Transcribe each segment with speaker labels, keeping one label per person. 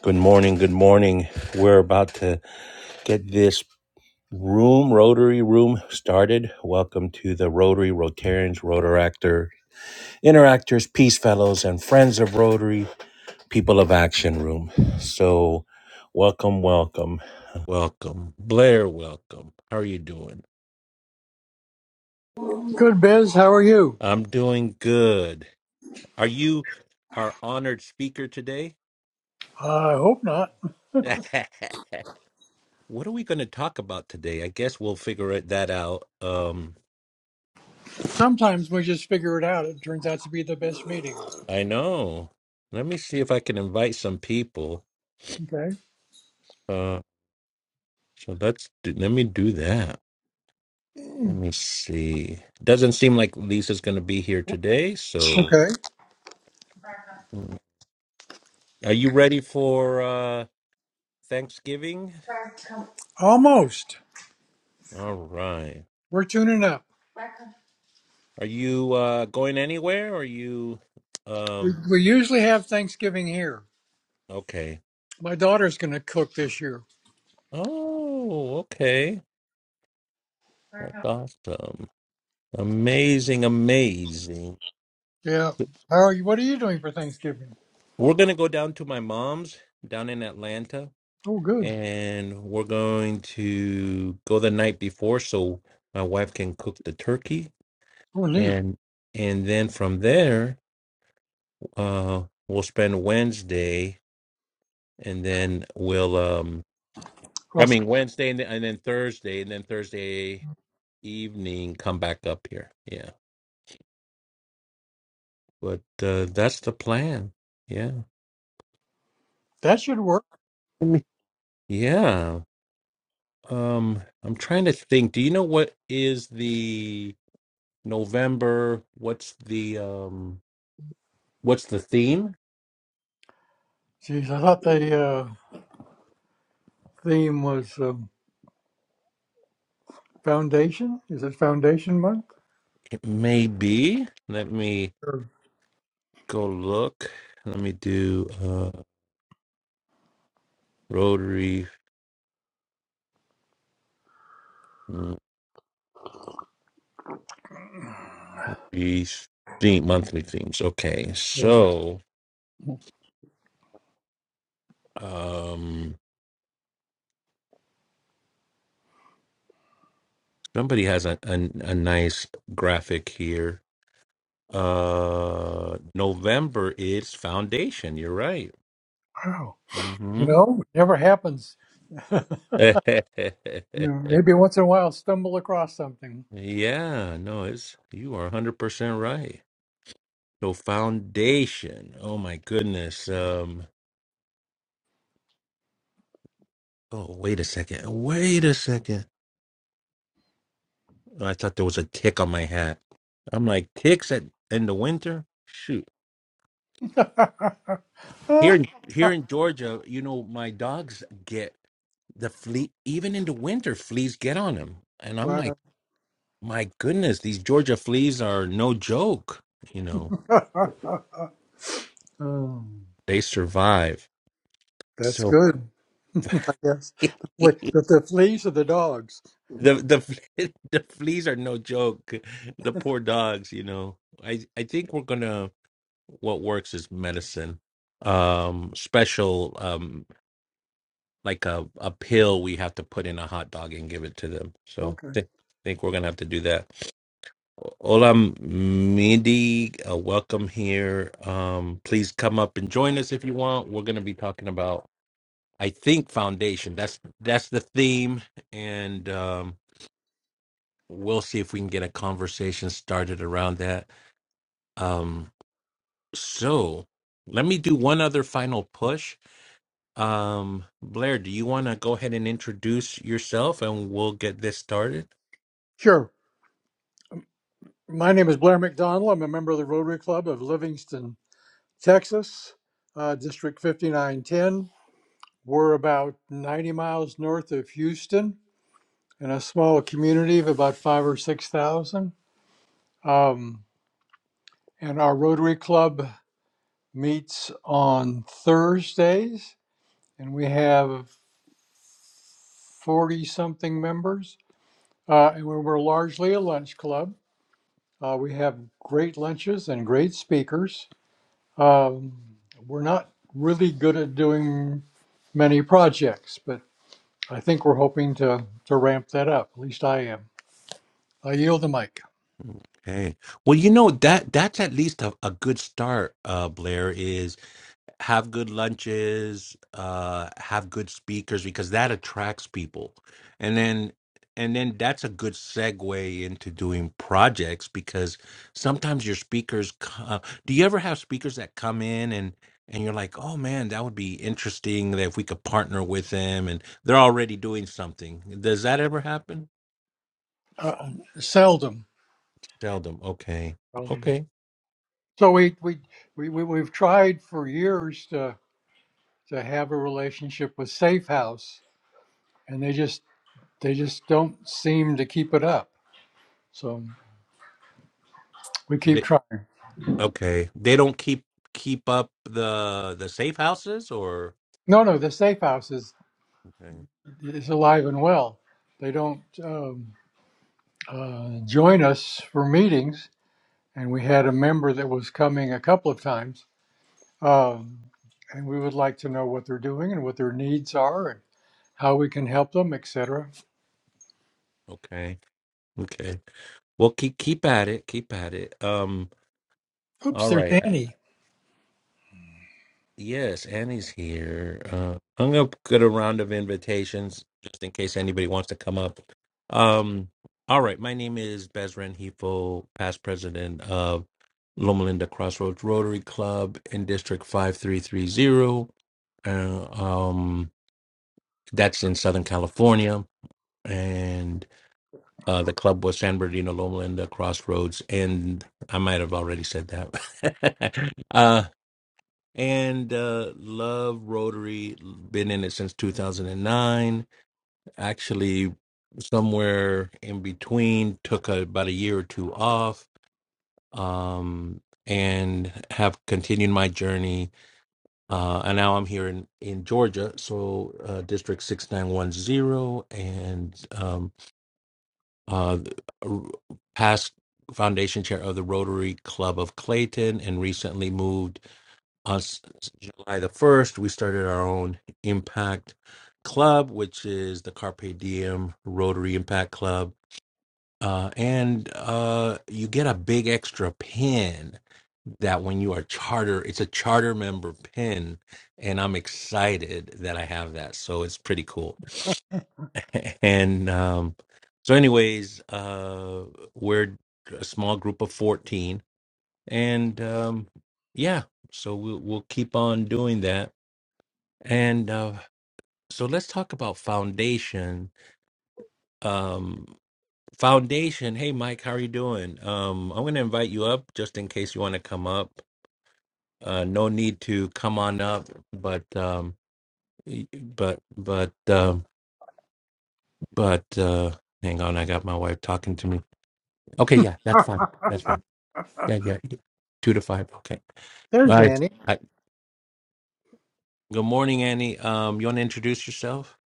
Speaker 1: Good morning. Good morning. We're about to get this room, Rotary Room, started. Welcome to the Rotary, Rotarians, Rotaractor, Interactors, Peace Fellows, and Friends of Rotary, People of Action Room. So, welcome, welcome, welcome. Blair, welcome. How are you doing?
Speaker 2: Good, Biz. How are you?
Speaker 1: I'm doing good. Are you our honored speaker today?
Speaker 2: I hope not.
Speaker 1: what are we going to talk about today? I guess we'll figure it that out. Um,
Speaker 2: Sometimes we just figure it out. It turns out to be the best meeting.
Speaker 1: I know. Let me see if I can invite some people.
Speaker 2: Okay.
Speaker 1: Uh, so let's do, let me do that. Let me see. Doesn't seem like Lisa's going to be here today. So,
Speaker 2: Okay.
Speaker 1: mm. are you ready for uh, Thanksgiving?
Speaker 2: Almost.
Speaker 1: All right.
Speaker 2: We're tuning up.
Speaker 1: Are you uh, going anywhere? Or are you?
Speaker 2: We,
Speaker 1: Um.
Speaker 2: we usually have Thanksgiving here.
Speaker 1: Okay.
Speaker 2: My daughter's going to cook this year.
Speaker 1: Oh, okay. That's awesome. Amazing, amazing.
Speaker 2: Yeah. How are you? What are you doing for Thanksgiving?
Speaker 1: We're gonna go down to my mom's down in Atlanta
Speaker 2: Oh, good.
Speaker 1: and we're going to go the night before so my wife can cook the turkey
Speaker 2: Oh, neat.
Speaker 1: and and then from there uh we'll spend Wednesday and then we'll um I
Speaker 2: Well,
Speaker 1: mean Wednesday and then, and then Thursday and then Thursday evening come back up here yeah but uh that's the plan yeah
Speaker 2: that should work.
Speaker 1: Let me- yeah um I'm trying to think do you know what is the November what's the um What's the theme?
Speaker 2: Jeez, I thought the uh, theme was um, foundation. Is it foundation month?
Speaker 1: It may be. Let me
Speaker 2: Sure.
Speaker 1: go look. Let me do uh Rotary mm, these theme monthly themes. Okay,
Speaker 2: Yeah.
Speaker 1: so um somebody has a a, a nice graphic here. Uh November is foundation. You're right.
Speaker 2: Wow. You
Speaker 1: Mm-hmm.
Speaker 2: know, it never happens. You know, maybe once in a while stumble across something.
Speaker 1: yeah, no, it's you are 100% right. So foundation. Oh my goodness. Um Oh, wait a second. Wait a second. Oh, I thought there was a tick on my hat. I'm like, ticks at in the winter? Shoot. Here in here in Georgia, you know, my dogs get the flea even in the winter, fleas get on them. And I'm like,
Speaker 2: wow.
Speaker 1: my goodness, these Georgia fleas are no joke. You know,
Speaker 2: Um,
Speaker 1: they survive.
Speaker 2: that's
Speaker 1: So
Speaker 2: good, I guess. The,
Speaker 1: the
Speaker 2: fle- the, the fleas are the dogs.
Speaker 1: the fle- the fleas are no joke. The poor dogs, you know. I I think we're gonna what works is medicine um special um like a, a pill we have to put in a hot dog and give it to them so
Speaker 2: Okay.
Speaker 1: th- think we're gonna have to do that Ola Midi, uh, welcome here. Um, please come up and join us if you want. We're going to be talking about, I think, foundation. That's that's the theme, and um, we'll see if we can get a conversation started around that. Um, so, let me do one other final push, Um, Blair, do you want to go ahead and introduce yourself and we'll get this started?
Speaker 2: Sure. My name is Blair McDonald. I'm a member of the Rotary Club of Livingston, Texas, uh, District 5910. We're about 90 miles north of Houston in a small community of about five or 6,000. Um, and our Rotary Club meets on Thursdays, and we have 40 something members. Uh, and we are largely a lunch club. Uh, we have great lunches and great speakers. Um, we're not really good at doing many projects, but I think we're hoping to, to ramp that up. At least I am. I yield the mic.
Speaker 1: Okay. Well, you know that that's at least a, a good start, uh, Blair, is. have good lunches uh have good speakers because that attracts people and then and then that's a good segue into doing projects because sometimes your speakers co- uh, do you ever have speakers that come in and and you're like oh man that would be interesting that if we could partner with them and they're already doing something does that ever happen
Speaker 2: Uh, seldom.
Speaker 1: seldom okay
Speaker 2: seldom.
Speaker 1: okay
Speaker 2: So we, we, we, we, we've tried for years to, to have a relationship with Safe House and they just they just don't seem to keep it up. So we keep
Speaker 1: they,
Speaker 2: trying.
Speaker 1: okay they don't keep keep up the the safe houses or
Speaker 2: No, no, the safe house is
Speaker 1: okay
Speaker 2: is alive and well. They don't um, uh, join us for meetings, and we had a member that was coming a couple of times, um, and we would like to know what they're doing and what their needs are and how we can help them, etc.
Speaker 1: okay Okay. Well, keep keep at it. Keep at it. Um.
Speaker 2: Oops,
Speaker 1: All
Speaker 2: there's
Speaker 1: right. Uh,
Speaker 2: Annie.
Speaker 1: Yes, Annie's here. Uh, I'm gonna get a round of invitations just in case anybody wants to come up. Um. All right. My name is Bezran Hifo, past president of Loma Linda Crossroads Rotary Club in District Five Three Three Zero. Uh, Um. That's in Southern California, and Uh, the club was San Bernardino Loma Linda Crossroads, and I might have already said that. uh, and uh, love Rotary, been in it since 2009. Actually, somewhere in between, took a, about a year or two off, um, and have continued my journey. Uh, and now I'm here in, in Georgia, so uh, District 6910, and um, uh, past foundation chair of the Rotary Club of Clayton, and recently moved us July the 1st. We started our own Impact Club, which is the Carpe Diem Rotary Impact Club. Uh, and uh, you get a big extra pin that when you are charter, it's a charter member pin. And I'm excited that I have that. So it's pretty cool. And um, so, anyways, uh, we're a small group of fourteen, and um, yeah, so we'll we'll keep on doing that. And uh, so, let's talk about foundation. Um, foundation. Hey, Mike, how are you doing? Um, I'm going to invite you up just in case you want to come up. Uh, no need to come on up, but um, y- but but um but uh, hang on, I got my wife talking to me. Okay, yeah, that's
Speaker 2: Ah,
Speaker 1: fine. That's fine. Yeah, yeah, yeah. Two to five. Okay. All
Speaker 2: there's
Speaker 1: right.
Speaker 2: Annie.
Speaker 1: Hi. Good morning, Annie. Um, you want to introduce yourself?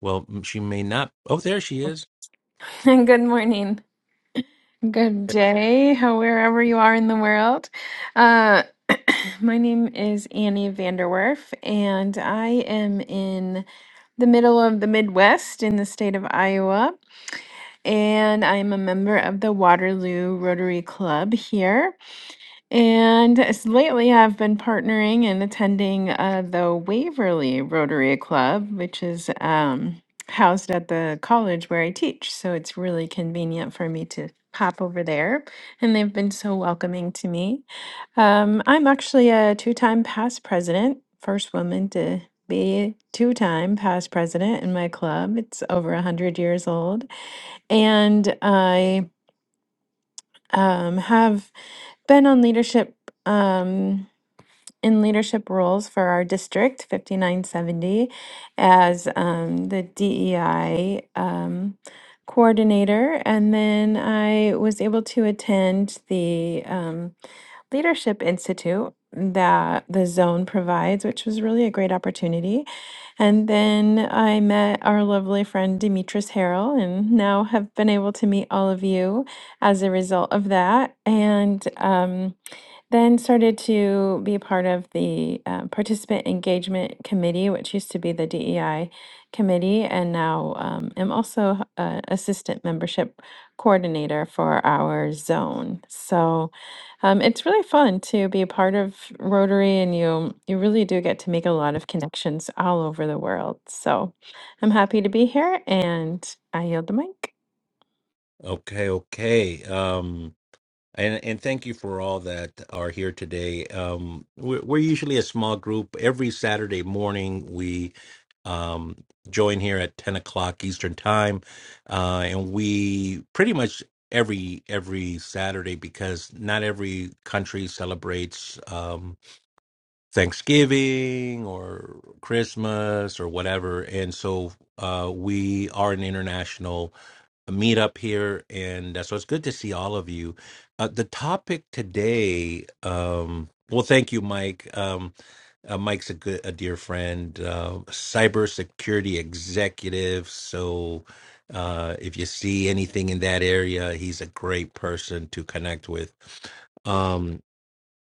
Speaker 1: Well, m- she may not. Oh, there she is.
Speaker 3: Good morning. Good day, how- wherever you are in the world. Uh, my name is Annie Vanderwerf, and I am in the middle of the Midwest in the state of Iowa. And I'm a member of the Waterloo Rotary Club here. And s- lately, I've been partnering and attending uh, the Waverly Rotary Club, which is um, housed at the college where I teach. So it's really convenient for me to pop over there. And they've been so welcoming to me. Um, I'm actually a two time past president, first woman to be two time past president in my club. It's over 100 years old. And I um, have been on leadership. Um, in leadership roles for our district 5970 as um, the DEI um, coordinator. And then I was able to attend the um, Leadership Institute that the zone provides, which was really a great opportunity. And then I met our lovely friend Demetris Harrell, and now have been able to meet all of you as a result of that. And um, then started to be part of the uh, Participant Engagement Committee, which used to be the DEI committee, and now um, am also uh, assistant membership coordinator for our zone. So um, it's really fun to be a part of Rotary, and you you really do get to make a lot of connections all over the world. So I'm happy to be here, and I yield the mic.
Speaker 1: Okay, okay. Um, and and thank you for all that are here today. Um, we're, we're usually a small group. Every Saturday morning, we um join here at ten o'clock Eastern time, uh, and we pretty much every every Saturday because not every country celebrates. Um. Thanksgiving or Christmas or whatever. And so uh, we are an international meetup here. And uh, so it's good to see all of you. Uh, the topic today, um, well, thank you, Mike. Um, uh, Mike's a good, a dear friend, uh, cybersecurity executive. So uh, if you see anything in that area, he's a great person to connect with. Um,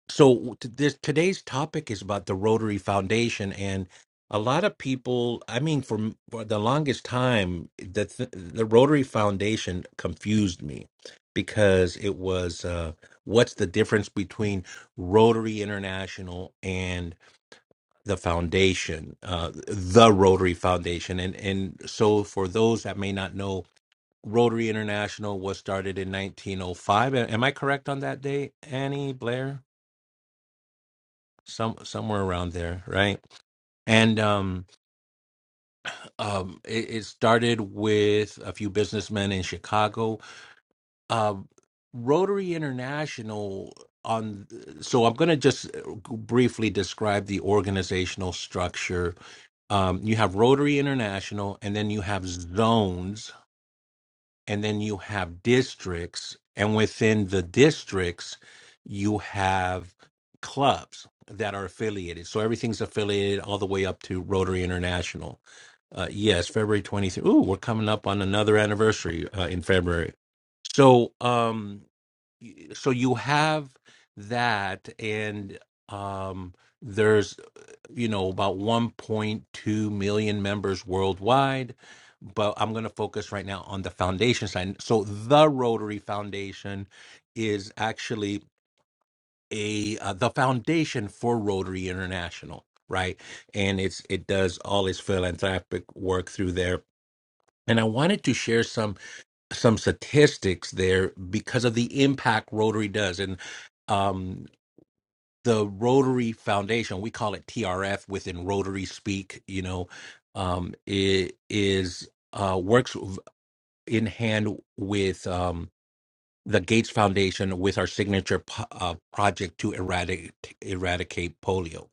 Speaker 1: so t- this today's topic is about the Rotary Foundation, and a lot of people. I mean, for, m- for the longest time, the th- the Rotary Foundation confused me because it was uh, what's the difference between Rotary International and the foundation, uh, the Rotary Foundation, and and so for those that may not know. Rotary International was started in 1905. A- Am I correct on that day, Annie Blair? some somewhere around there, right? And um, um, it, it started with a few businessmen in Chicago. Um, Rotary International. On so I'm going to just briefly describe the organizational structure. Um, you have Rotary International, and then you have zones and then you have districts and within the districts you have clubs that are affiliated so everything's affiliated all the way up to rotary international uh, yes february twenty third. ooh we're coming up on another anniversary uh, in february so um y- so you have that and um there's you know, about 1.2 million members worldwide. But I'm going to focus right now on the foundation side. So the Rotary Foundation is actually a uh, the foundation for Rotary International, right? And it's it does all its philanthropic work through there. And I wanted to share some some statistics there because of the impact Rotary does. And um, the Rotary Foundation, we call it TRF within Rotary speak, you know, um, it is uh, works in hand with um, the Gates Foundation with our signature po- uh, project to eradicate eradicate polio.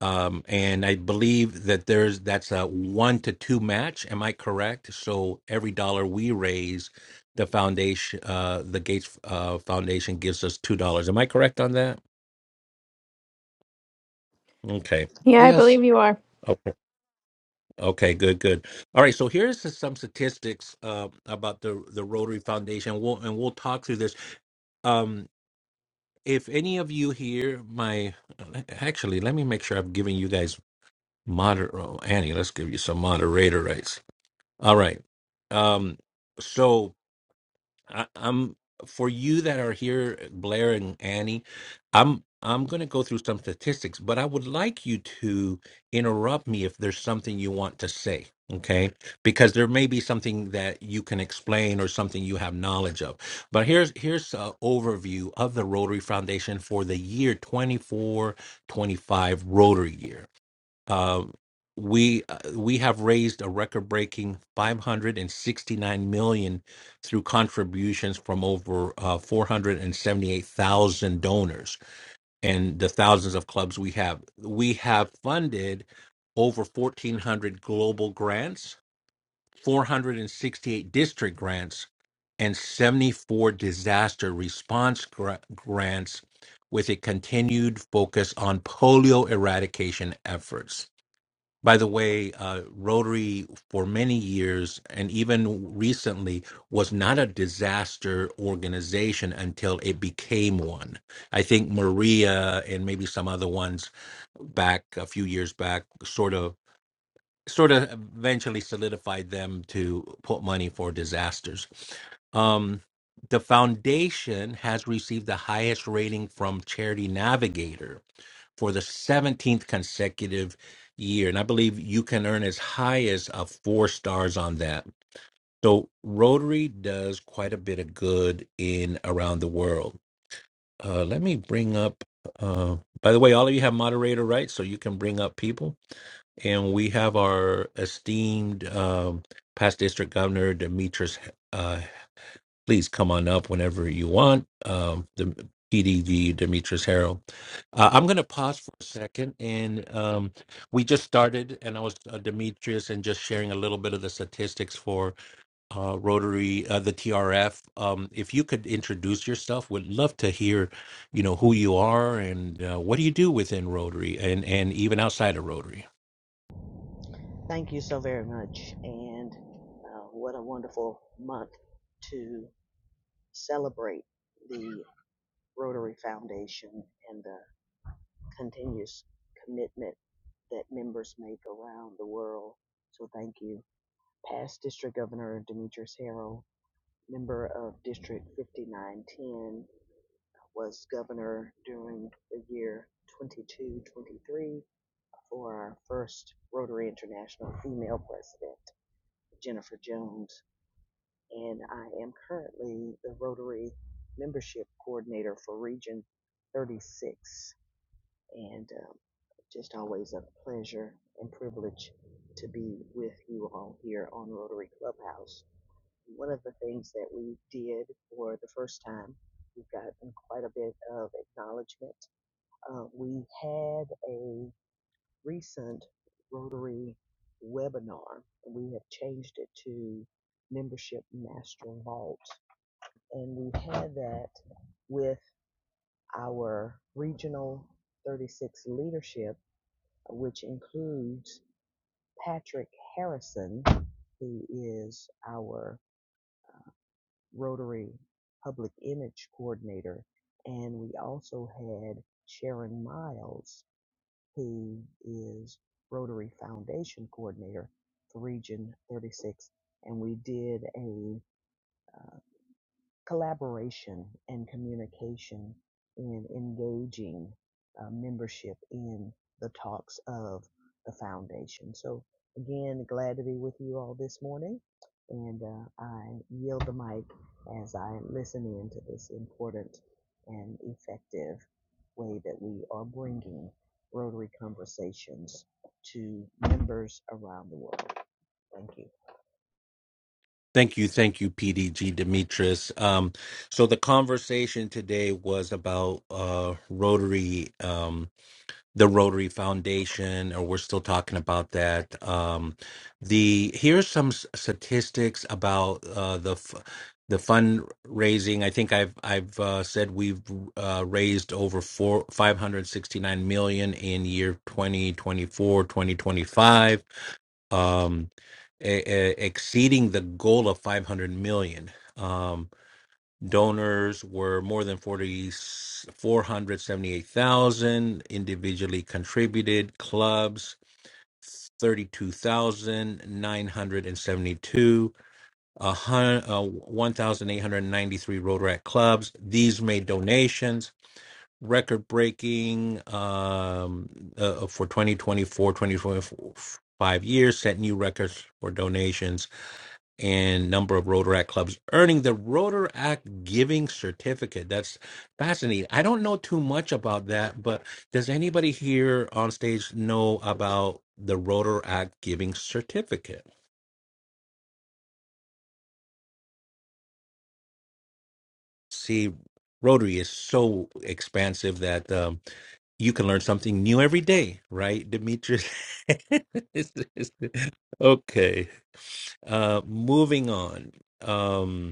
Speaker 1: Um, and I believe that there's that's a one to two match. Am I correct? So every dollar we raise, the foundation, uh, the Gates uh, Foundation gives us two dollars. Am I correct on that? Okay.
Speaker 3: Yeah, I
Speaker 2: Yes.
Speaker 3: believe you are.
Speaker 1: Oh, Okay, good, good. All right, so here's s- some statistics uh, about the the Rotary Foundation. We'll and we'll talk through this. Um, if any of you here, my uh, actually, let me make sure I'm giving you guys moder. Oh, Annie, let's give you some moderator rights. All right. Um, so I, I'm for you that are here, Blair and Annie. I'm I'm going to go through some statistics, but I would like you to interrupt me if there's something you want to say. Okay, because there may be something that you can explain or something you have knowledge of. But here's here's an overview of the Rotary Foundation for the year 2425 Rotary year. Uh, we uh, we have raised a record-breaking 569 million through contributions from over uh, 478,000 donors and the thousands of clubs we have. We have funded over 1,400 global grants, 468 district grants, and 74 disaster response gra- grants, with a continued focus on polio eradication efforts by the way, uh, Rotary for many years and even recently was not a disaster organization until it became one. I think Maria and maybe some other ones back a few years back sort of sort of eventually solidified them to put money for disasters. Um, the foundation has received the highest rating from Charity Navigator for the 17th consecutive year. And I believe you can earn as high as uh, four stars on that. So Rotary does quite a bit of good in around the world. Uh, let me bring up, uh, by the way, all of you have moderator rights, so you can bring up people. And we have our esteemed um, past district governor, Demetrius please come on up whenever you want. Um, the PDV Demetrius Harrell. Uh, I'm going to pause for a second, and um, we just started, and I was uh, Demetrius, and just sharing a little bit of the statistics for uh, Rotary, uh, the TRF. Um, if you could introduce yourself, would love to hear, you know, who you are and uh, what do you do within Rotary, and and even outside of Rotary.
Speaker 4: Thank you so very much. And uh, what a wonderful month to celebrate the Rotary Foundation and the continuous commitment that members make around the world. So thank you. Past District Governor Demetrius Harrell, member of District 5910, was governor during the year 22 23 for our first Rotary International female president, Jennifer Jones. and I am currently the Rotary Membership Coordinator for Region 36. And um, just always a pleasure and privilege to be with you all here on Rotary Clubhouse. One of the things that we did for the first time, we've gotten quite a bit of acknowledgement. Uh, we had a recent Rotary webinar, and we have changed it to Membership Master Vault and we had that with our regional 36 leadership, which includes Patrick Harrison, who is our Rotary Public Image Coordinator, and we also had Sharon Miles, who is Rotary Foundation Coordinator for Region 36, and we did a uh, collaboration and communication in engaging uh, membership in the talks of the foundation. So, again, glad to be with you all this morning, and uh, I yield the mic as I listen in to this important and effective way that we are bringing Rotary conversations to members around the world. Thank you.
Speaker 1: Thank you, thank you, PDG Demetrius. Um, so the conversation today was about uh, Rotary, um, the Rotary Foundation, or we're still talking about that. Um, the here's some s- statistics about uh, the f- the fundraising. I think I've I've uh, said we've uh, raised over four five hundred sixty nine million in year 2024 2025 um, e- e- exceeding the goal of 500 million. Um, donors were more than 40 478,000 individually contributed clubs, 32,972, a hun- uh, 1,893 Rotaract clubs. These made donations. Record breaking um, uh, for 2024, 2025 years, set new records for donations and number of Rotaract clubs, earning the Rotaract Giving Certificate. That's fascinating. I don't know too much about that, but does anybody here on stage know about the Rotaract Giving Certificate? See, Rotary is so expansive that um, you can learn something new every day, right, Demetrius? okay, uh, moving on. Um,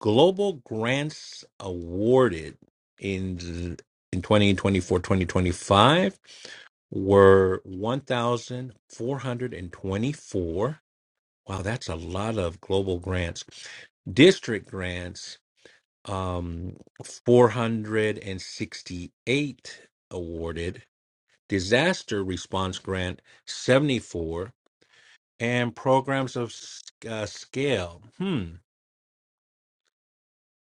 Speaker 1: global grants awarded in th- in 2024 2025 were 1424 wow that's a lot of global grants district grants um 468 awarded disaster response grant 74 and programs of s- uh, scale hmm.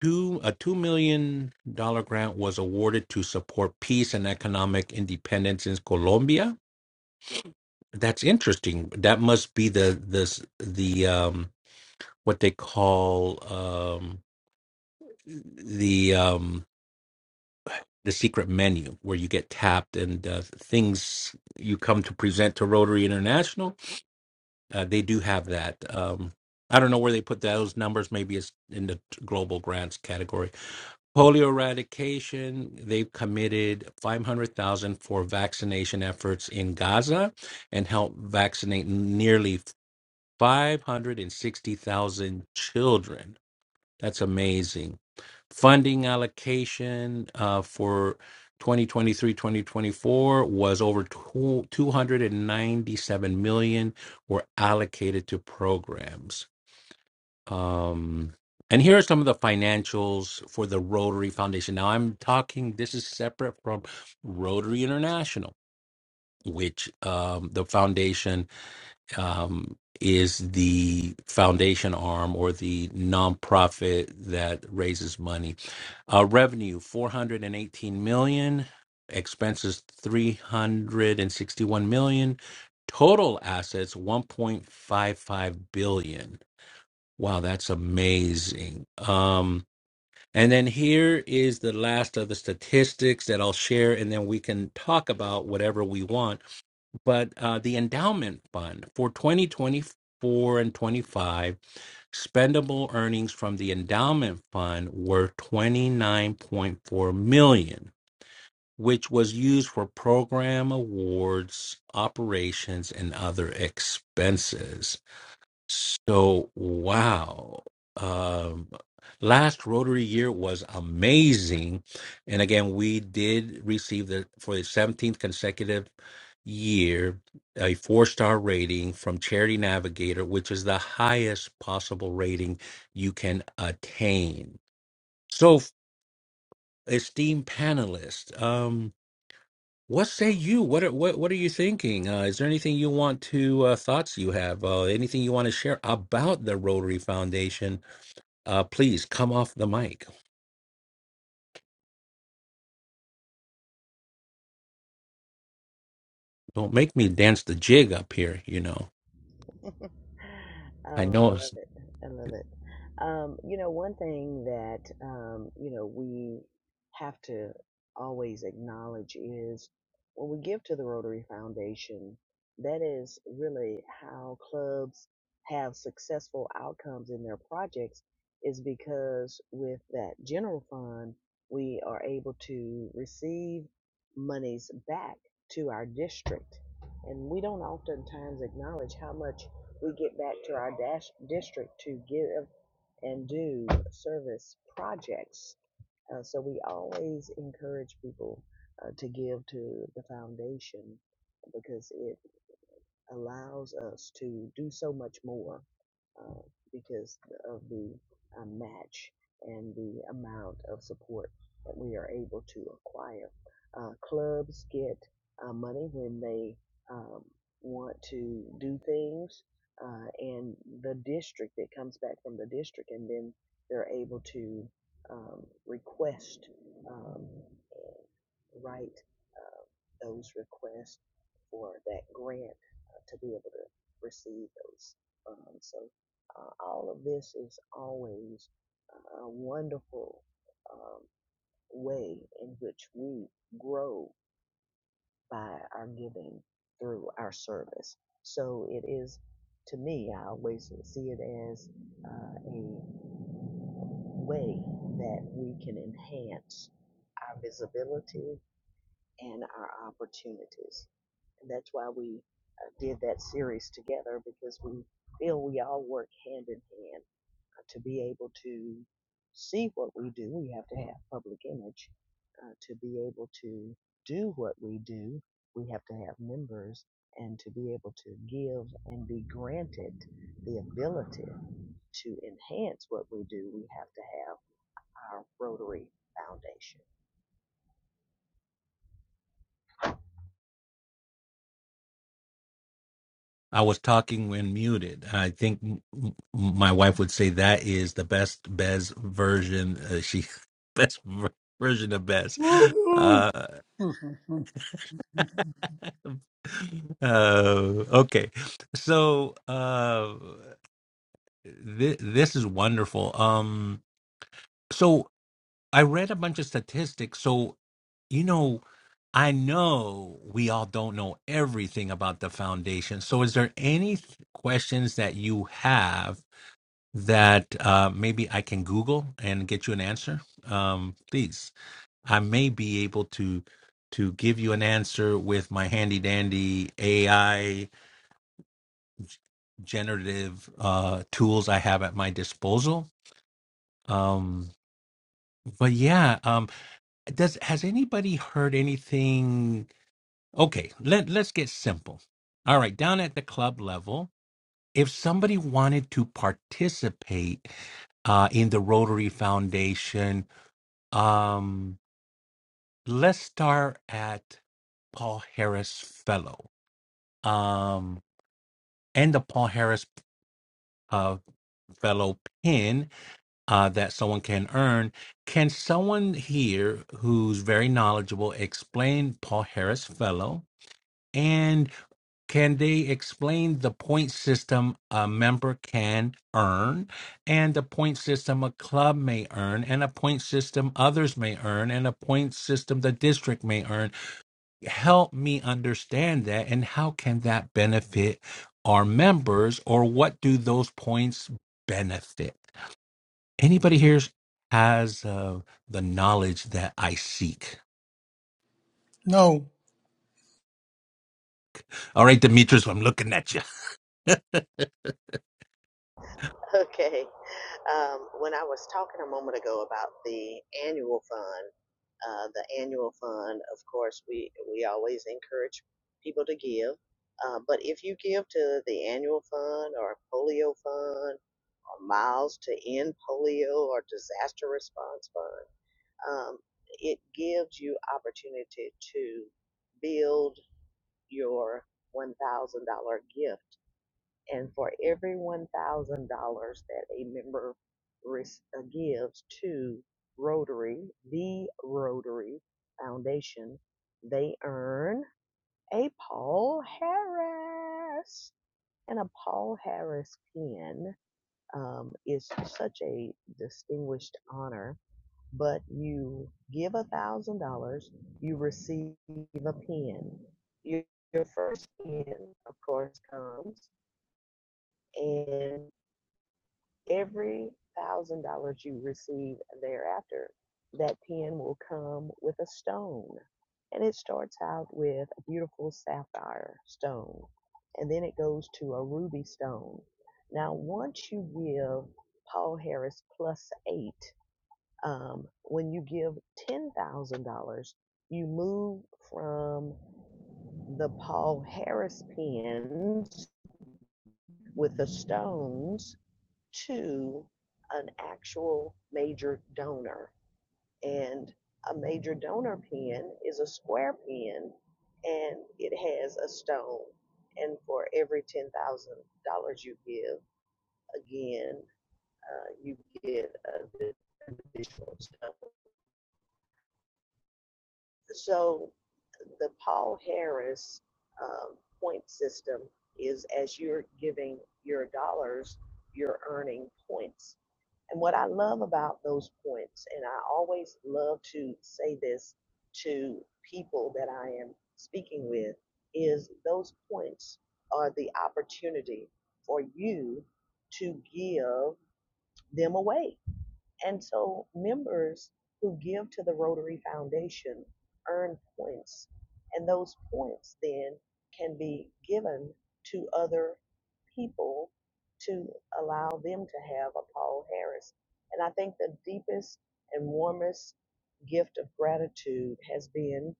Speaker 1: two a two million dollar grant was awarded to support peace and economic independence in Colombia. That's interesting. That must be the this the um what they call um the um the secret menu where you get tapped and uh, things you come to present to Rotary International uh, they do have that. Um, I don't know where they put those numbers. Maybe it's in the global grants category. Polio eradication, they've committed 500,000 for vaccination efforts in Gaza and help vaccinate nearly 560,000 children. That's amazing funding allocation uh, for 2023-2024 was over tw- 297 million were allocated to programs um, and here are some of the financials for the rotary foundation now i'm talking this is separate from rotary international which um, the foundation um, is the foundation arm or the nonprofit that raises money uh, revenue 418 million, expenses 361 million, total assets 1.55 billion. Wow, that's amazing. Um, and then here is the last of the statistics that I'll share, and then we can talk about whatever we want. But uh, the endowment fund for 2024 and 25 Spendable earnings from the endowment fund were 29.4 million, which was used for program awards, operations, and other expenses. So wow. Um last Rotary year was amazing. And again, we did receive the for the 17th consecutive year a four-star rating from Charity Navigator, which is the highest possible rating you can attain. So esteemed panelists, um, what say you? What are, what what are you thinking? Uh, is there anything you want to uh, thoughts you have? Uh, anything you want to share about the Rotary Foundation? Uh, please come off the mic. Don't make me dance the jig up here. You know, I
Speaker 4: Oh, I
Speaker 1: know.
Speaker 4: love
Speaker 1: It's,
Speaker 4: it. I love it. Um, you know, one thing that, um, you know, we have to always acknowledge is when we give to the Rotary Foundation, that is really how clubs have successful outcomes in their projects, is because with that general fund, we are able to receive monies back to our district. And we don't oftentimes acknowledge how much we get back to our dash district to give and do service projects. Uh, so we always encourage people uh, to give to the foundation because it allows us to do so much more uh, because of the uh, match and the amount of support that we are able to acquire. Uh, clubs get uh, money when they um, want to do things, uh, and the district, it comes back from the district, and then they're able to um, request. Um, write uh, those requests for that grant uh, to be able to receive those funds. So uh, all of this is always a wonderful um, way in which we grow by our giving through our service. So it is, to me, I always see it as uh, a way that we can enhance our visibility and our opportunities. And that's why we uh, did that series together because we feel we all work hand in hand. Uh, to be able to see what we do, we have to have public image. Uh, to be able to do what we do, we have to have members. And to be able to give and be granted the ability to enhance what we do, we have to have our Rotary Foundation.
Speaker 1: I was talking when muted. I think m- m- my wife would say that is the best Bez version. Uh, she best ver- version of Bez.
Speaker 2: Woo-hoo.
Speaker 1: Uh, uh, okay, so uh, th- this is wonderful. Um, so I read a bunch of statistics. So you know, I know we all don't know everything about the foundation. So is there any th- questions that you have? that uh, maybe I can Google and get you an answer, um, please. I may be able to to give you an answer with my handy dandy AI generative uh, tools I have at my disposal. Um, but yeah, um, does has anybody heard anything? Okay, let let's get simple. All right, down at the club level, if somebody wanted to participate uh, in the Rotary Foundation Um, let's start at Paul Harris Fellow. Um, and the Paul Harris uh, Fellow pin uh, that someone can earn. Can someone here who's very knowledgeable explain Paul Harris Fellow? And can they explain the point system a member can earn, and the point system a club may earn, and a point system others may earn, and a point system the district may earn? help me understand that and how can that benefit our members or what do those points benefit anybody here has uh, the knowledge that i seek
Speaker 2: no.
Speaker 1: all right demetrius i'm looking at you
Speaker 4: Okay. Um, when I was talking a moment ago about the annual fund, uh, the annual fund, of course, we, we always encourage people to give. Uh, but if you give to the annual fund or polio fund or miles to end polio or disaster response fund, um, it gives you opportunity to build your $1,000 gift and for every one thousand dollars that a member ris- uh, gives to Rotary, the Rotary Foundation, they earn a Paul Harris. And a Paul Harris pin um, is such a distinguished honor. But you give a thousand dollars, you receive a pin. Your, your first pin, of course, comes. and. every thousand dollars you receive thereafter, that pen will come with a stone. And it starts out with a beautiful sapphire stone. And then it goes to a ruby stone. Now, once you give Paul Harris plus eight, um, when you give $10,000, you move from the Paul Harris pens with the stones to an actual major donor. And a major donor pen is a square pen, and it has a stone. And for every $10,000 you give, again, uh, you get an additional stone. So the Paul Harris um, point system is as you're giving your dollars, you're earning points And what I love about those points, and I always love to say this to people that I am speaking with, is those points are the opportunity for you to give them away and so members who give to the Rotary Foundation earn points, and those points then can be given to other people to allow them to have a Paul Harris. And I think the deepest and warmest gift of gratitude has been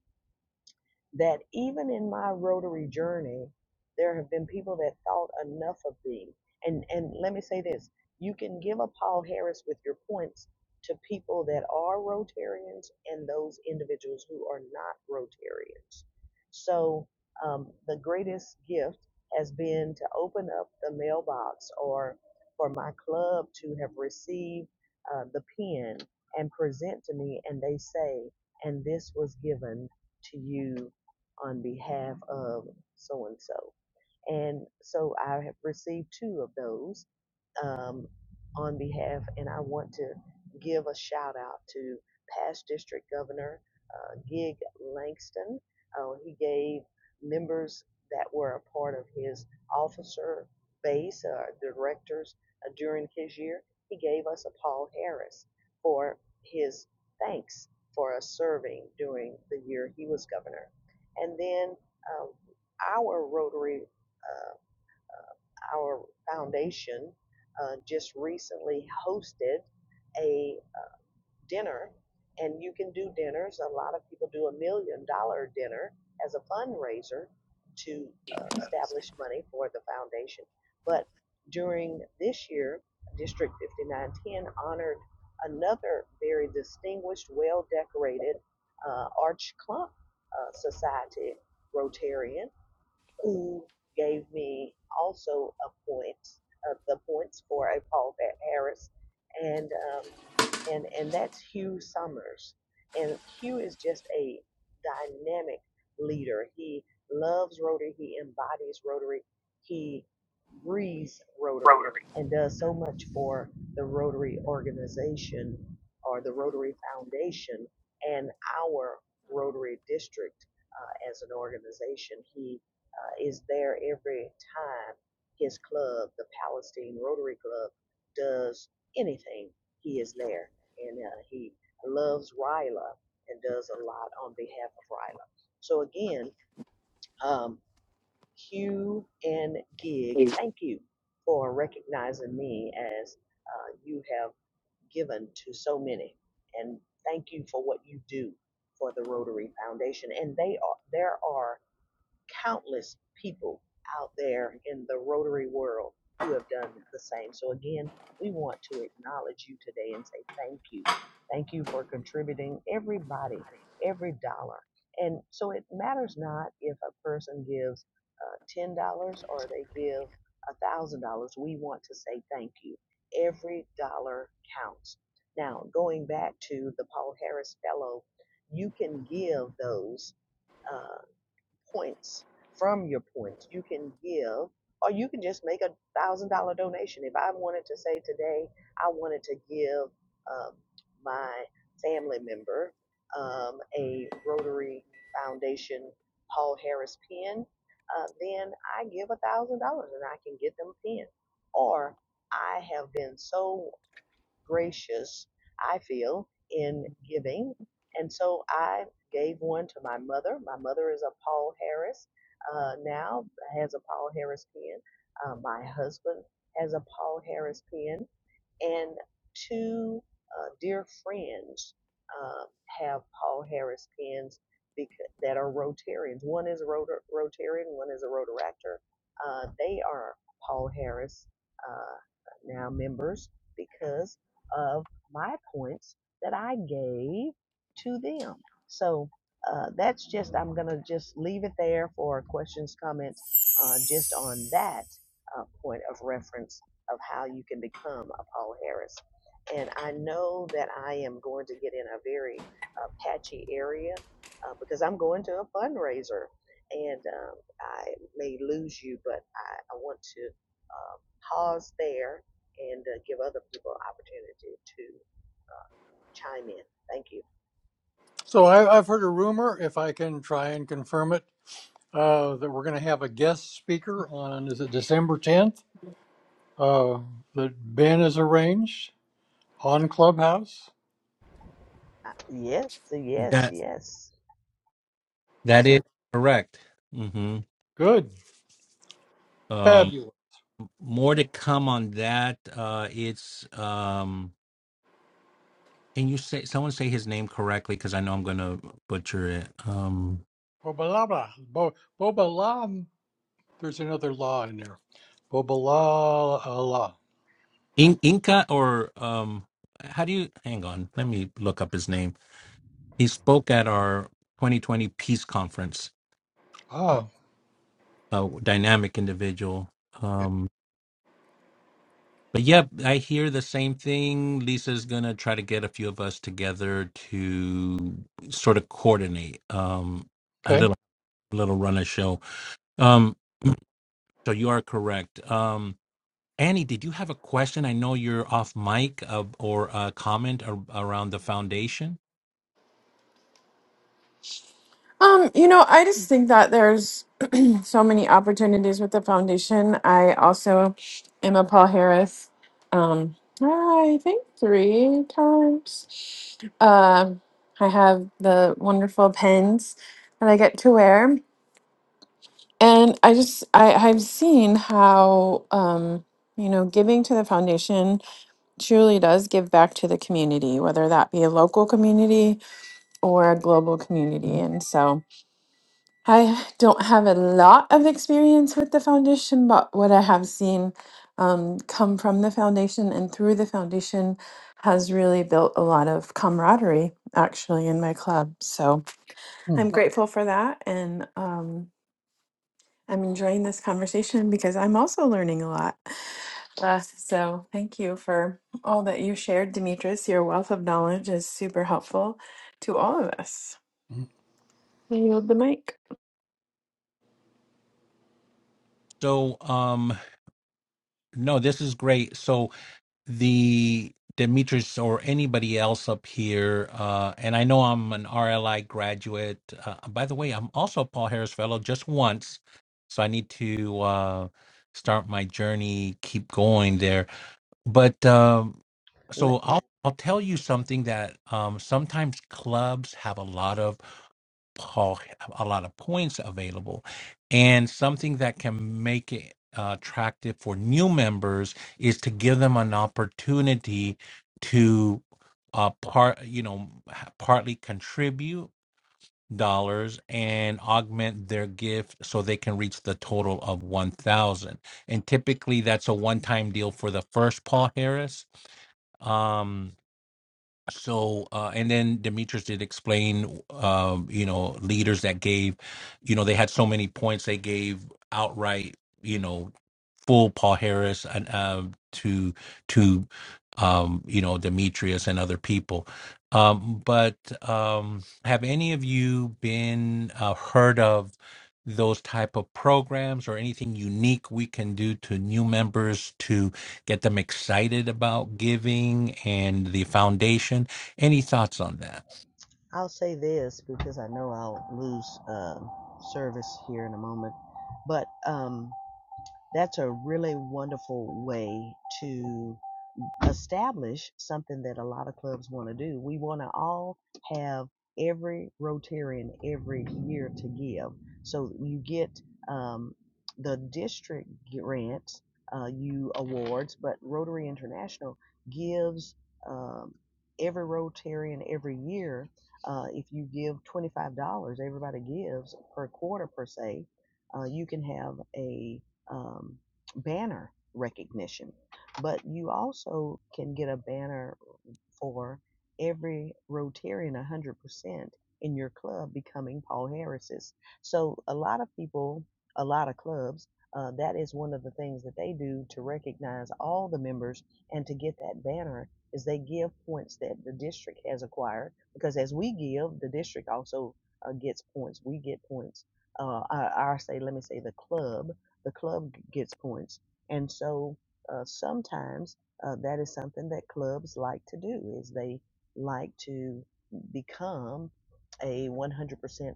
Speaker 4: that even in my Rotary journey, there have been people that thought enough of me. And and let me say this: you can give a Paul Harris with your points to people that are Rotarians and those individuals who are not Rotarians. So um, the greatest gift has been to open up the mailbox or for my club to have received uh, the pen and present to me, and they say, and this was given to you on behalf of so and so. And so I have received two of those um, on behalf, and I want to give a shout out to past District Governor uh, Gig Langston. Uh, he gave members that were a part of his officer base, uh, directors uh, during his year, he gave us a Paul Harris for his thanks for us serving during the year he was governor. And then um, our Rotary uh, our foundation uh, just recently hosted a dinner, and you can do dinners. A lot of people do a million dollar dinner as a fundraiser to uh, establish money for the foundation. But during this year, District 5910 honored another very distinguished, well decorated uh, Arch Clump uh, Society Rotarian who gave me also a point, uh, the points for a Paul Pat Harris. And um, and and that's Hugh Summers. And Hugh is just a dynamic leader. He loves Rotary. He embodies Rotary. He breathes Rotary and does so much for the Rotary organization or the Rotary Foundation and our Rotary district uh, as an organization. He uh, is there every time his club, the Palestine Rotary Club, does anything he is there and uh, he loves Ryla and does a lot on behalf of Ryla. So again, um, Hugh and Gig, thank you for recognizing me as uh, you have given to so many, and thank you for what you do for the Rotary Foundation. And they are there are countless people out there in the Rotary world who have done the same. So, again, we want to acknowledge you today and say thank you. Thank you for contributing everybody, every dollar. And so it matters not if a person gives uh, $10 or they give $1,000. We want to say thank you. Every dollar counts. Now, going back to the Paul Harris Fellow, you can give those. uh, points from your points you can give or you can just make a thousand dollar donation if i wanted to say today i wanted to give um, my family member um, a rotary foundation paul harris pen uh, then i give a thousand dollars and i can get them a pen or i have been so gracious, I feel, in giving. And so I gave one to my mother. My mother is a Paul Harris uh, now, has a Paul Harris pen. Uh, my husband has a Paul Harris pen and two uh, dear friends um, have Paul Harris pins because, that are Rotarians. One is a Rotar- Rotarian, one is a Rotaractor. Uh, they are Paul Harris uh, now members because of my points that I gave to them. So uh, that's just, I'm going to just leave it there for questions, comments, uh, just on that uh, point of reference of how you can become a Paul Harris. And I know that I am going to get in a very uh, patchy area uh, because I'm going to a fundraiser and um, I may lose you, but I, I want to uh, pause there and uh, give other people opportunity to uh, chime in. Thank you.
Speaker 2: So I, I've heard a rumor, if I can try and confirm it, uh, that we're going to have a guest speaker on, is it December 10th? Uh, that Ben has arranged on Clubhouse.
Speaker 4: Uh, yes, yes,
Speaker 1: that
Speaker 4: yes.
Speaker 2: Is
Speaker 1: that is
Speaker 2: that
Speaker 1: correct hmm
Speaker 2: good?
Speaker 1: um,
Speaker 2: Fabulous.
Speaker 1: more to come on that. Uh, it's um, can you say someone say his name correctly? Because I know I'm gonna butcher it. Um,
Speaker 2: Boba la blah. Bo, boba la. There's another law in there. Boba la la. la.
Speaker 1: In- Inca or um, how do you? Hang on, let me look up his name. He spoke at our 2020 peace conference.
Speaker 2: Ah,
Speaker 1: A dynamic individual. Um, but yeah, I hear the same thing. Lisa's gonna try to get a few of us together to sort of coordinate um, a
Speaker 2: okay.
Speaker 1: little little run a show. Um, So you are correct. Um, Annie, did you have a question? I know you're off mic uh, or a comment ar- around the foundation.
Speaker 3: Um, you know, I just think that there's so many opportunities with the foundation. I also am a Paul Harris. Um, I think three times. Um, I have the wonderful pens that I get to wear, and I just I I've seen how um, you know giving to the foundation truly does give back to the community, whether that be a local community or a global community, and so. I don't have a lot of experience with the foundation, but what I have seen um, come from the foundation and through the foundation has really built a lot of camaraderie actually in my club. So I'm
Speaker 2: Hmm.
Speaker 3: grateful for that. And um, I'm enjoying this conversation because I'm also learning a lot. Uh, so thank you for all that you shared, Demetrius. Your wealth of knowledge is super helpful to all of us. I yield the mic.
Speaker 1: So um, no, this is great. So the Demetrius or anybody else up here, uh, and I know I'm an RLI graduate. Uh, by the way, I'm also a Paul Harris Fellow just once, so I need to uh, start my journey, keep going there. But um,
Speaker 4: Let,
Speaker 1: so I'll
Speaker 4: let,
Speaker 1: I'll tell you something that um, sometimes clubs have a lot of po- a lot of points available, and something that can make it uh, attractive for new members is to give them an opportunity to uh, part you know ha- partly contribute dollars and augment their gift so they can reach the total of 1000 and typically that's a one-time deal for the first paul harris um so uh, and then demetrius did explain um, you know leaders that gave you know they had so many points they gave outright you know full Paul Harris and um, to to um, you know Demetrius and other people. Um, but um, have any of you been uh, heard of those type of programs or anything unique we can do to new members to get them excited about giving and the foundation? Any thoughts on that?
Speaker 4: I'll say this because I know I'll lose um service here in a moment, but um, That's a really wonderful way to establish something that a lot of clubs want to do. We want to all have every Rotarian every year to give. So you get um, the district grants, uh, you awards, but Rotary International gives um, every Rotarian every year. Uh, if you give $25, everybody gives per quarter per se, uh, you can have a um, banner recognition but you also can get a banner for every Rotarian 100% in your club becoming Paul Harris's. So, a lot of people, a lot of clubs, uh, that is one of the things that they do to recognize all the members and to get that banner is they give points that the district has acquired because as we give, the district also uh, gets points. We get points. Uh, I, I say, let me say the club, the club gets points. And so uh, sometimes uh, that is something that clubs like to do is they like to become a 100%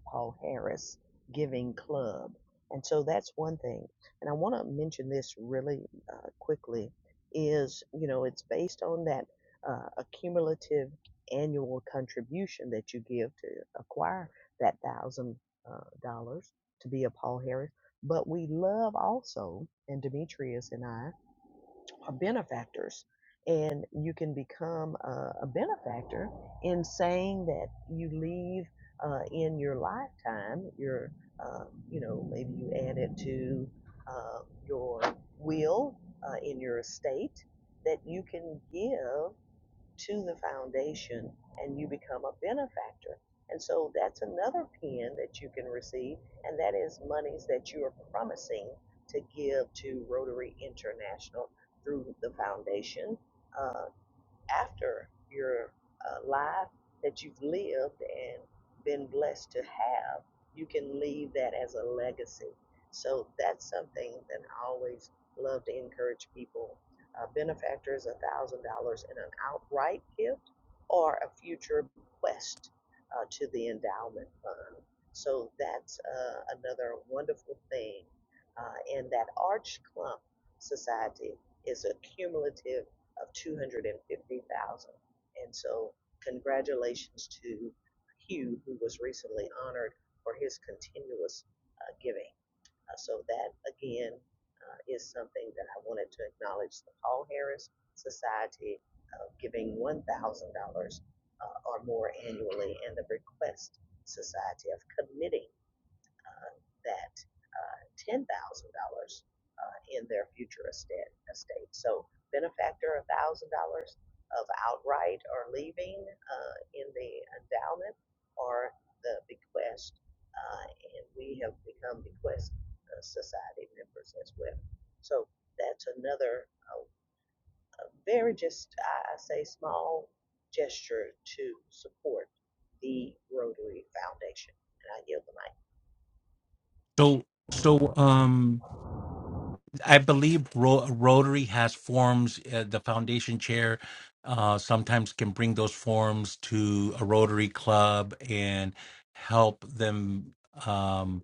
Speaker 4: Paul Harris giving club. And so that's one thing. And I want to mention this really uh, quickly is, you know, it's based on that uh, accumulative annual contribution that you give to acquire that thousand uh, dollars to be a Paul Harris. But we love also, and Demetrius and I, are benefactors. And you can become a, a benefactor in saying that you leave uh, in your lifetime, your, uh, you know, maybe you add it to uh, your will uh, in your estate that you can give to the foundation and you become a benefactor. And so that's another pin that you can receive, and that is monies that you are promising to give to Rotary International through the foundation. Uh, after your uh, life that you've lived and been blessed to have, you can leave that as a legacy. So that's something that I always love to encourage people. A benefactor is $1,000 in an outright gift or a future bequest uh, to the endowment fund. So that's uh, another wonderful thing. Uh, and that Arch Clump Society is a cumulative of two hundred and fifty thousand. dollars. And so congratulations to Hugh, who was recently honored for his continuous uh, giving. Uh, so that again uh, is something that I wanted to acknowledge the Paul Harris Society uh, giving one thousand dollars uh, or more annually, and the Request Society of committing uh, that uh, $10,000 uh, in their future estate. estate. So benefactor, $1,000 of outright or leaving uh, in the endowment or the bequest. Uh, and we have become bequest uh, society members as well. So that's another uh, a very just, I I say, small gesture to support the Rotary Foundation. And I yield the mic.
Speaker 1: So so um. I believe Ro- Rotary has forms. Uh, the foundation chair uh, sometimes can bring those forms to a Rotary club and help them um,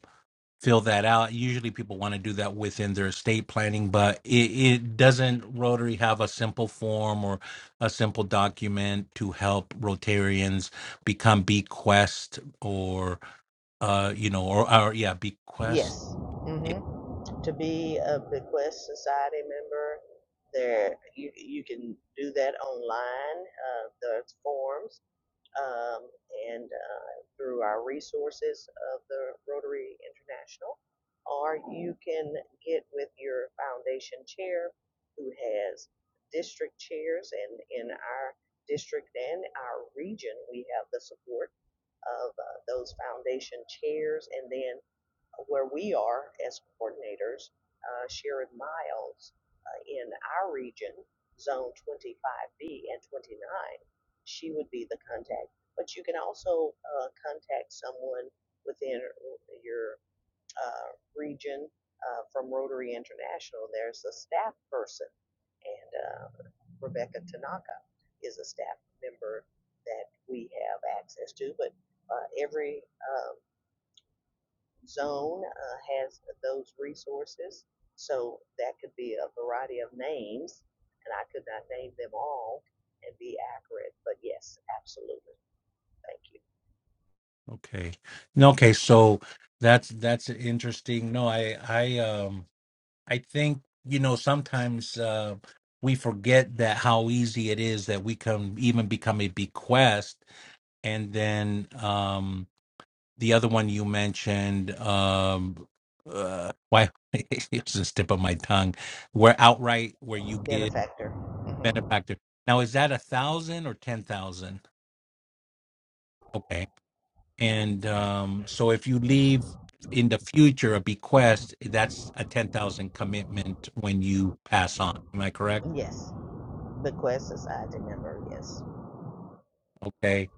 Speaker 1: fill that out. Usually, people want to do that within their estate planning, but it, it doesn't. Rotary have a simple form or a simple document to help Rotarians become bequest or uh, you know or, or yeah bequest.
Speaker 4: Yes. Mm-hmm. to be a Bequest Society member, there you you can do that online. Uh, there's forms um, and uh, through our resources of the Rotary International, or you can get with your foundation chair, who has district chairs, and in our district and our region, we have the support of uh, those foundation chairs, and then where we are as coordinators, uh, Sharon Miles, uh, in our region, Zone 25B and 29, she would be the contact. But you can also uh, contact someone within your uh, region uh, from Rotary International. There's a staff person, and uh, Rebecca Tanaka is a staff member that we have access to. But uh, every um, zone uh, has those resources. So that could be a variety of names, and I could not name them all and be accurate, but yes, absolutely. Thank you.
Speaker 1: Okay. No, okay, so that's that's interesting. No, I I um I think, you know, sometimes uh we forget that how easy it is that we can even become a bequest and then um the other one you mentioned um uh why it's just tip of my tongue where outright where you give
Speaker 4: Benefactor. hmm
Speaker 1: benefactor. Now is that a thousand or ten thousand? Okay. And um, so if you leave in the future a bequest, that's a 10,000 commitment when you pass on. Am I correct?
Speaker 4: Yes. Bequest Society member. Yes.
Speaker 1: Okay.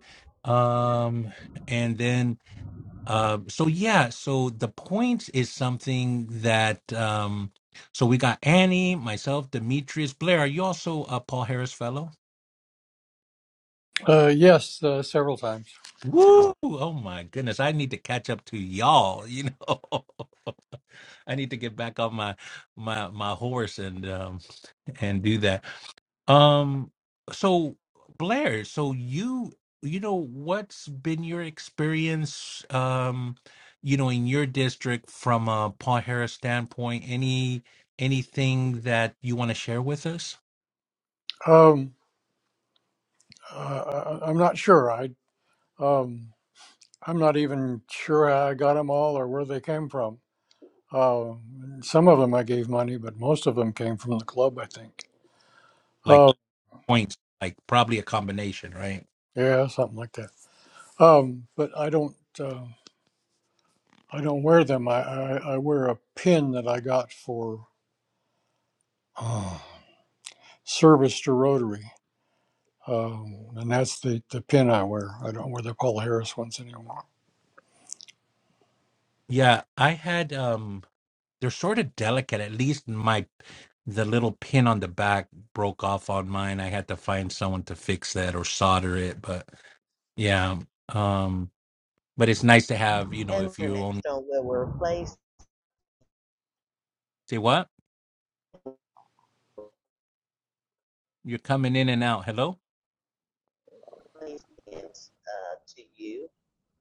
Speaker 1: Um, and then, uh, so yeah, so the points is something that, um, so we got Annie, myself, Demetrius, Blair. Are you also a Paul Harris fellow?
Speaker 2: Uh, yes, uh, several times.
Speaker 1: Woo! Oh my goodness, I need to catch up to y'all, you know. I need to get back on my my my horse and um and do that. Um, so Blair, so you you know what's been your experience, um, you know, in your district from a Paul Harris standpoint? Any anything that you want to share with us,
Speaker 2: Um, uh, I, I'm not sure. I. Um, I'm not even sure how I got them all or where they came from. Uh, some of them I gave money, but most of them came from the club, I think.
Speaker 1: like
Speaker 2: Oh,
Speaker 1: points, like probably a combination, right?
Speaker 2: yeah, something like that. Um, but I don't, uh, I don't wear them. I, I, I wear a pin that I got for uh, service to Rotary, um, and that's the, the pin I wear. I don't wear the Paul Harris ones anymore.
Speaker 1: Yeah, I had um, they're sort of delicate. At least my the little pin on the back broke off on mine. I had to find someone to fix that or solder it, but yeah. Um but it's nice to have you know
Speaker 4: And
Speaker 1: if you only
Speaker 4: Cornerstone will replace
Speaker 1: say what you're coming in and out hello
Speaker 4: replacements uh, to you.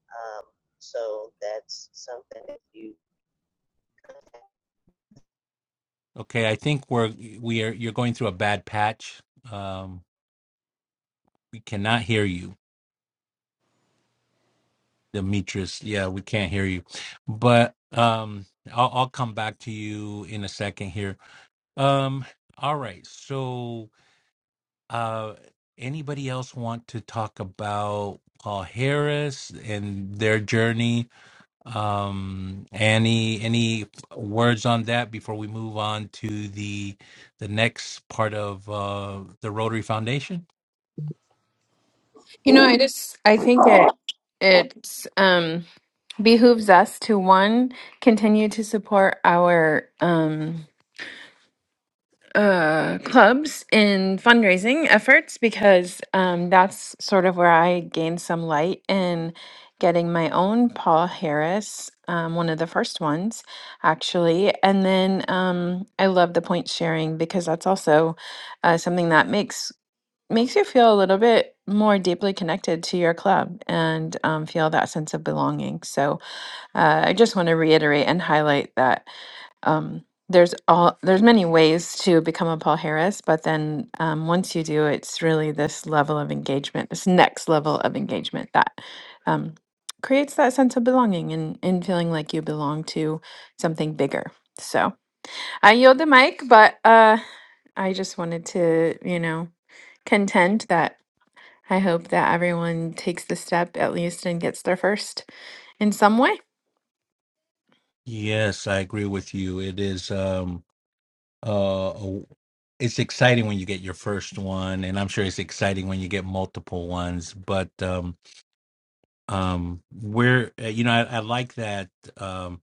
Speaker 4: Um, so that's something that you contact
Speaker 1: okay i think we're we are you're going through a bad patch um we cannot hear you demetrius yeah we can't hear you but um i'll, I'll come back to you in a second here um all right so uh anybody else want to talk about paul harris and their journey Um, any any words on that before we move on to the the next part of uh, the Rotary Foundation?
Speaker 3: You know, I just I think it it um behooves us to one continue to support our um uh clubs in fundraising efforts because um that's sort of where I gained some light in getting my own Paul Harris um one of the first ones actually and then um I love the point sharing because that's also uh, something that makes makes you feel a little bit more deeply connected to your club and um, feel that sense of belonging. So uh, I just want to reiterate and highlight that um, there's all there's many ways to become a Paul Harris, but then um, once you do, it's really this level of engagement, this next level of engagement that um, creates that sense of belonging and, and feeling like you belong to something bigger. So I yield the mic, but uh, I just wanted to, you know, contend that I hope that everyone takes the step at least and gets there first in some way.
Speaker 1: Yes, I agree with you. It is um, uh, a- it's exciting when you get your first one, and I'm sure it's exciting when you get multiple ones. But um, um, we're uh, you know I, I like that um,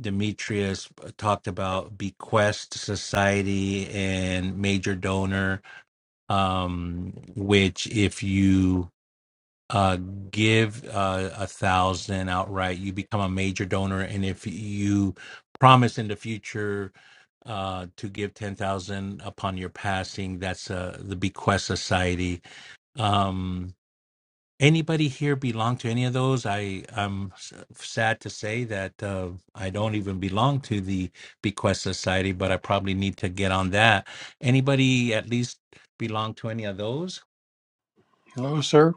Speaker 1: Demetrius uh, talked about bequest society and major donor um, which if you uh, give uh, a thousand outright, you become a major donor, and if you promise in the future uh, to give ten thousand upon your passing, that's uh, the bequest society. Um, anybody here belong to any of those? I I'm s- sad to say that uh, I don't even belong to the bequest society, but I probably need to get on that. Anybody at least belong to any of those?
Speaker 2: Hello, sir.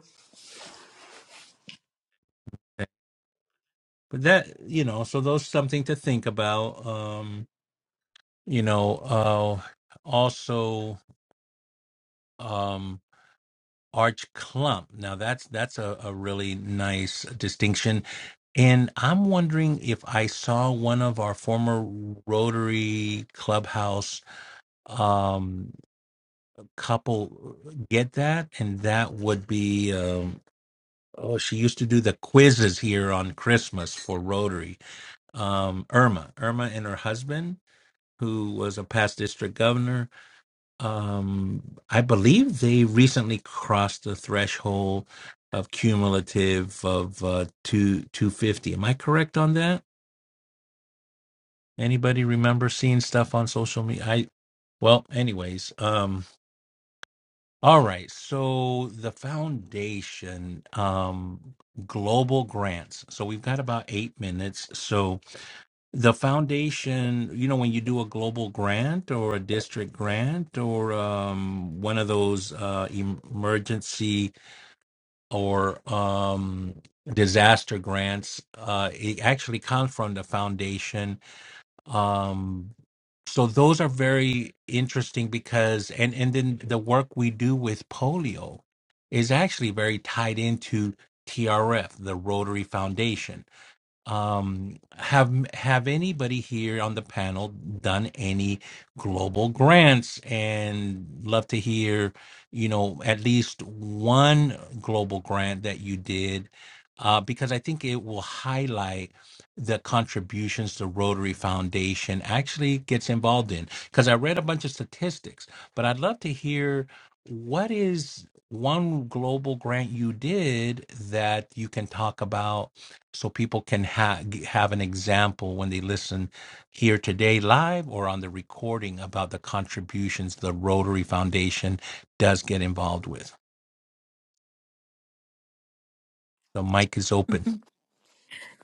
Speaker 1: but that you know so those something to think about um you know uh also um arch clump now that's that's a, a really nice distinction and i'm wondering if i saw one of our former rotary clubhouse um couple get that and that would be um oh she used to do the quizzes here on christmas for rotary um irma irma and her husband who was a past district governor. Um, I believe they recently crossed the threshold of cumulative of uh, two two fifty. Am I correct on that? Anybody remember seeing stuff on social media? I well, anyways. Um, all right. So the foundation, um, global grants. So we've got about eight minutes. So The foundation, you know, when you do a global grant or a district grant or um, one of those uh, em- emergency or um, disaster grants, uh, it actually comes from the foundation. Um, so those are very interesting because, and and then the work we do with polio is actually very tied into TRF, the Rotary Foundation um have have anybody here on the panel done any global grants and love to hear you know at least one global grant that you did uh, because i think it will highlight the contributions the rotary foundation actually gets involved in because i read a bunch of statistics but i'd love to hear what is one global grant you did that you can talk about so people can ha- g- have an example when they listen here today live or on the recording about the contributions the Rotary Foundation does get involved with. The mic is open.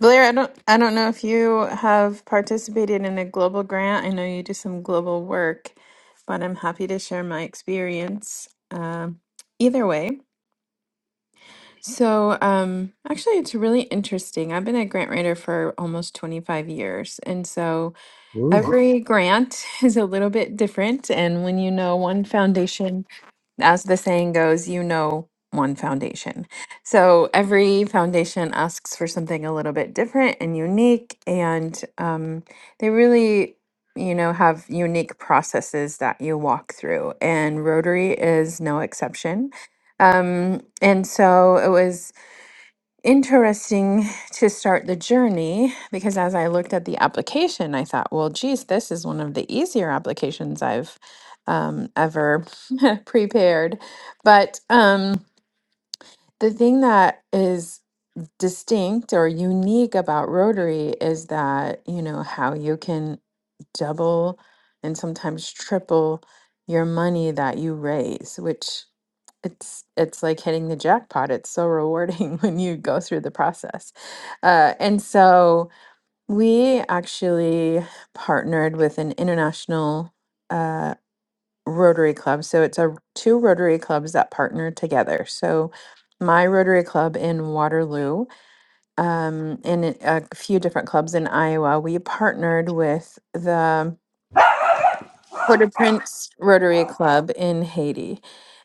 Speaker 3: Blair, I don't I don't know if you have participated in a global grant. I know you do some global work, but I'm happy to share my experience. Um, either way, so um, actually, it's really interesting. I've been a grant writer for almost 25 years, and so Wow.
Speaker 2: Ooh.
Speaker 3: every grant is a little bit different. And when you know one foundation as the saying goes, you know one foundation. So every foundation asks for something a little bit different and unique, and um, they really, you know, have unique processes that you walk through, and Rotary is no exception. Um, and so it was interesting to start the journey because as I looked at the application, I thought, well, geez, this is one of the easier applications I've um, ever prepared. But um, the thing that is distinct or unique about Rotary is that, you know, how you can double and sometimes triple your money that you raise, which it's it's like hitting the jackpot. It's so rewarding when you go through the process. Uh, and so we actually partnered with an international uh, Rotary Club. So it's a two Rotary clubs that partner together. So my Rotary Club in Waterloo um, and it- a few different clubs in Iowa, we partnered with the Port-au-Prince Rotary Club in Haiti.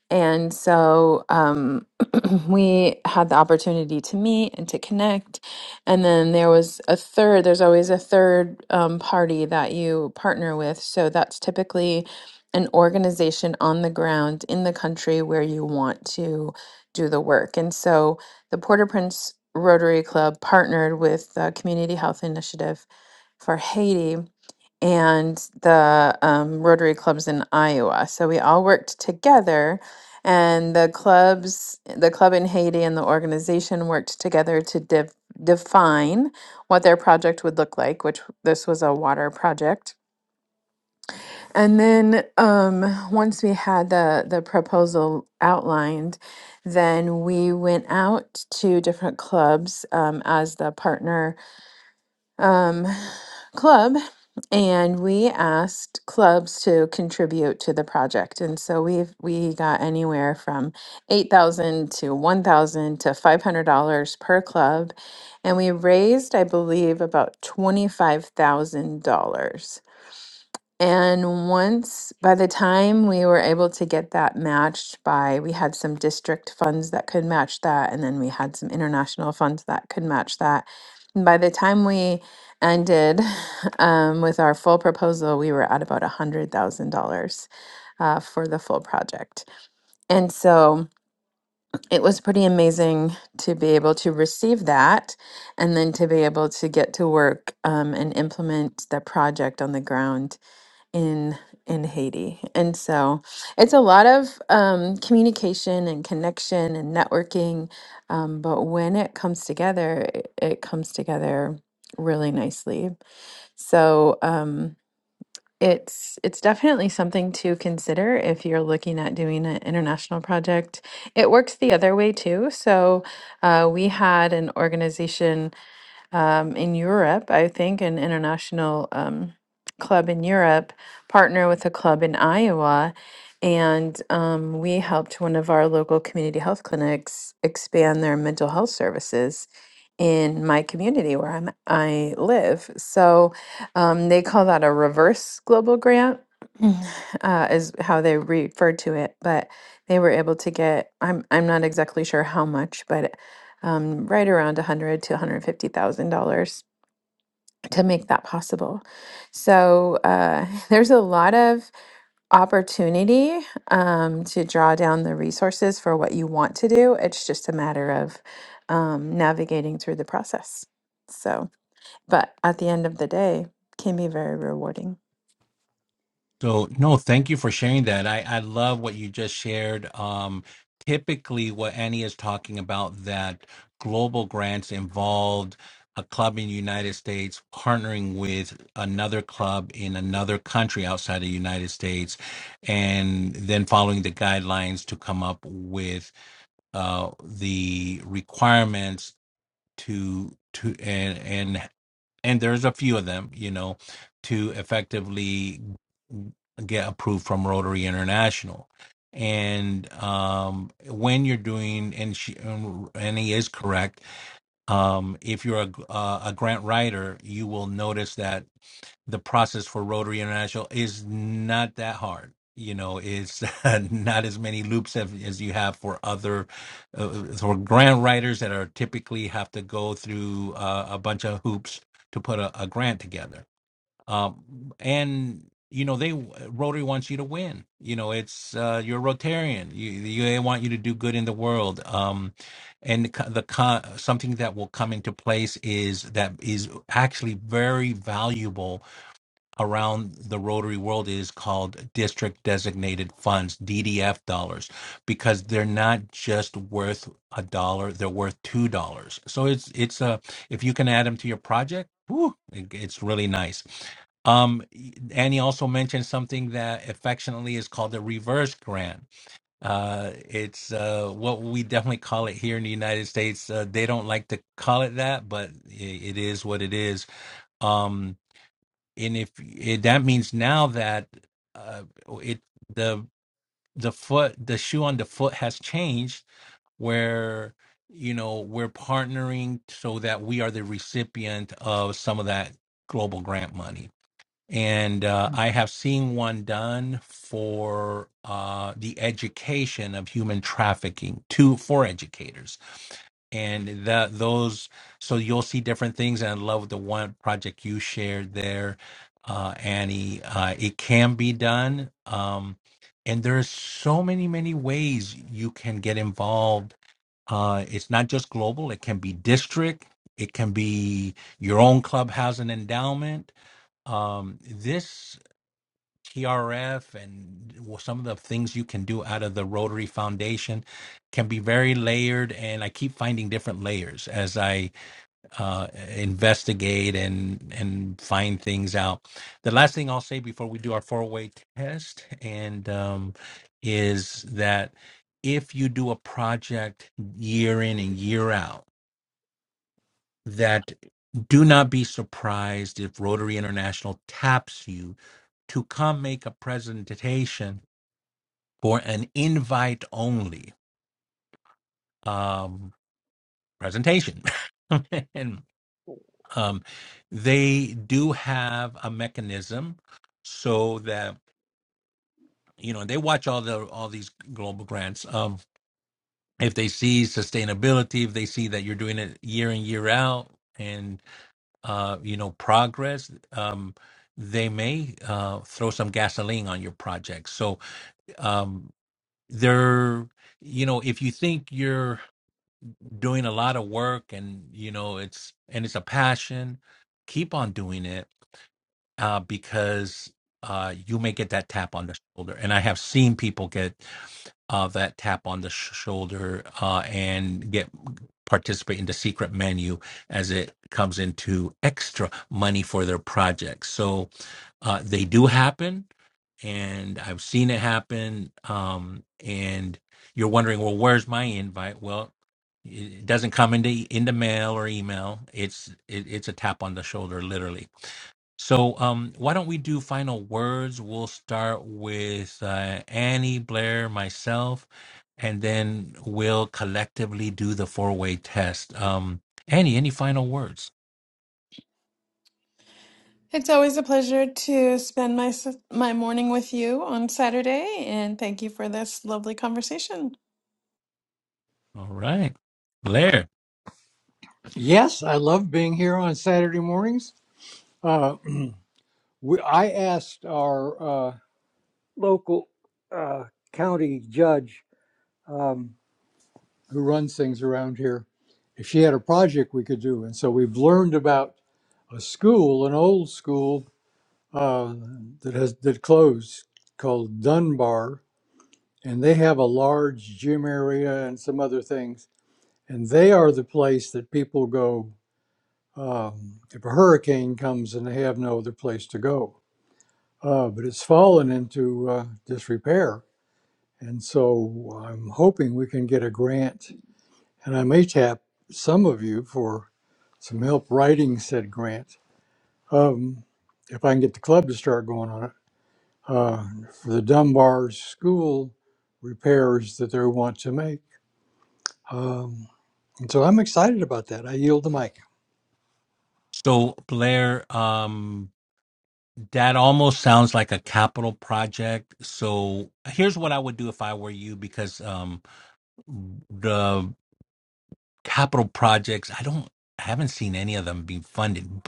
Speaker 3: And so um, we had the opportunity to meet and to connect. And then there was a third, there's always a third um, party that you partner with. So that's typically an organization on the ground in the country where you want to do the work. And so the Port au Prince Rotary Club partnered with the Community Health Initiative for Haiti and the um, Rotary clubs in Iowa. So we all worked together, and the clubs, the club in Haiti, and the organization worked together to def- define what their project would look like. Which this was a water project, and then um, once we had the the proposal outlined. Then we went out to different clubs um, as the partner um, club and we asked clubs to contribute to the project and so we've we got anywhere from 8000 to 1000 to $500 per club and we raised i believe about $25000 and once, by the time we were able to get that matched by, we had some district funds that could match that, and then we had some international funds that could match that. And by the time we ended um, with our full proposal, we were at about $100,000 uh, for the full project. And so it was pretty amazing to be able to receive that and then to be able to get to work um, and implement the project on the ground in in Haiti. And so it's a lot of um, communication and connection and networking. Um, but when it comes together, it, it comes together really nicely. So um, it's it's definitely something to consider if you're looking at doing an international project. It works the other way too. So uh, we had an organization um, in Europe, I think an international um, club in Europe partner with a club in Iowa. And um, we helped one of our local community health clinics expand their mental health services in my community where I'm, I live. So um, they call that a reverse global grant, uh, is how they refer to it. But they were able to get, I'm, I'm not exactly sure how much, but um, right around 100 to 150 thousand dollars to make that possible. So uh, there's a lot of opportunity um, to draw down the resources for what you want to do. It's just a matter of um, navigating through the process. So, but at the end of the day, can be very rewarding.
Speaker 1: So no, thank you for sharing that. I, I love what you just shared. Um, typically, what Annie is talking about that global grants involved a club in the United States partnering with another club in another country outside the United States, and then following the guidelines to come up with uh, the requirements to to and and and there's a few of them, you know, to effectively get approved from Rotary International. And um, when you're doing, and she, and he is correct. Um, if you're a, uh, a grant writer, you will notice that the process for Rotary International is not that hard. You know, it's not as many loops as, as you have for other uh, for grant writers that are typically have to go through uh, a bunch of hoops to put a, a grant together. Um, and you know, they Rotary wants you to win. You know, it's uh, you're a Rotarian. You, you they want you to do good in the world. Um, and the co- the co- something that will come into place is that is actually very valuable around the Rotary world is called district designated funds, DDF dollars, because they're not just worth a dollar, they're worth two dollars. So it's it's a if you can add them to your project, whew, it- it's really nice. Um, Annie also mentioned something that affectionately is called the reverse grant. Uh, it's uh, what we definitely call it here in the United States. Uh, they don't like to call it that, but i it is what it is. Um, and if it, that means now that uh, it the the foot the shoe on the foot has changed where you know we're partnering so that we are the recipient of some of that global grant money and uh, i have seen one done for uh, the education of human trafficking to for educators and that those so you'll see different things and i love the one project you shared there uh annie uh it can be done um and there's so many many ways you can get involved uh, it's not just global. It can be district. It can be your own clubhouse and endowment. Um, this TRF and some of the things you can do out of the Rotary Foundation can be very layered, and I keep finding different layers as I uh, investigate and and find things out. The last thing I'll say before we do our four way test and um, is that if you do a project year in and year out, that do not be surprised if Rotary International taps you to come make a presentation for an invite only um, presentation. and um, they do have a mechanism so that you know they watch all the all these global grants. Um, if they see sustainability, if they see that you're doing it year in year out, and uh, you know progress, um, they may uh, throw some gasoline on your project. So um, they're you know if you think you're doing a lot of work and you know it's and it's a passion keep on doing it uh, because uh, you may get that tap on the shoulder and i have seen people get uh, that tap on the sh- shoulder uh, and get participate in the secret menu as it comes into extra money for their projects so uh, they do happen and I've seen it happen. Um, and you're wondering, well, where's my invite? Well, it it doesn't come in the in the mail or email. It's it, it's a tap on the shoulder, literally. So, um, why don't we do final words? We'll start with uh, Annie, Blair, myself, and then we'll collectively do the four way test. Um, Annie, any final words?
Speaker 3: It's always a pleasure to spend my s- my morning with you on Saturday, and thank you for this lovely conversation.
Speaker 1: All right, Blair.
Speaker 2: Yes, I love being here on Saturday mornings. Uh, we, I asked our uh, local uh, county judge um, who runs things around here, if she had a project we could do. And so we've learned about a school, an old school uh, that has that closed called Dunbar, and they have a large gym area and some other things. And they are the place that people go um, if a hurricane comes and they have no other place to go. Uh, but it's fallen into uh, disrepair And so I'm hoping we can get a grant, and I may tap some of you for some help writing said grant. Um, if I can get the club to start going on it, uh, for the Dunbar School repairs that they want to make. Um, and so I'm excited about that. I yield the mic.
Speaker 1: So, Blair, um, That almost sounds like a capital project. So here's what I would do if I were you, because um, the capital projects, I don't, I haven't seen any of them being funded,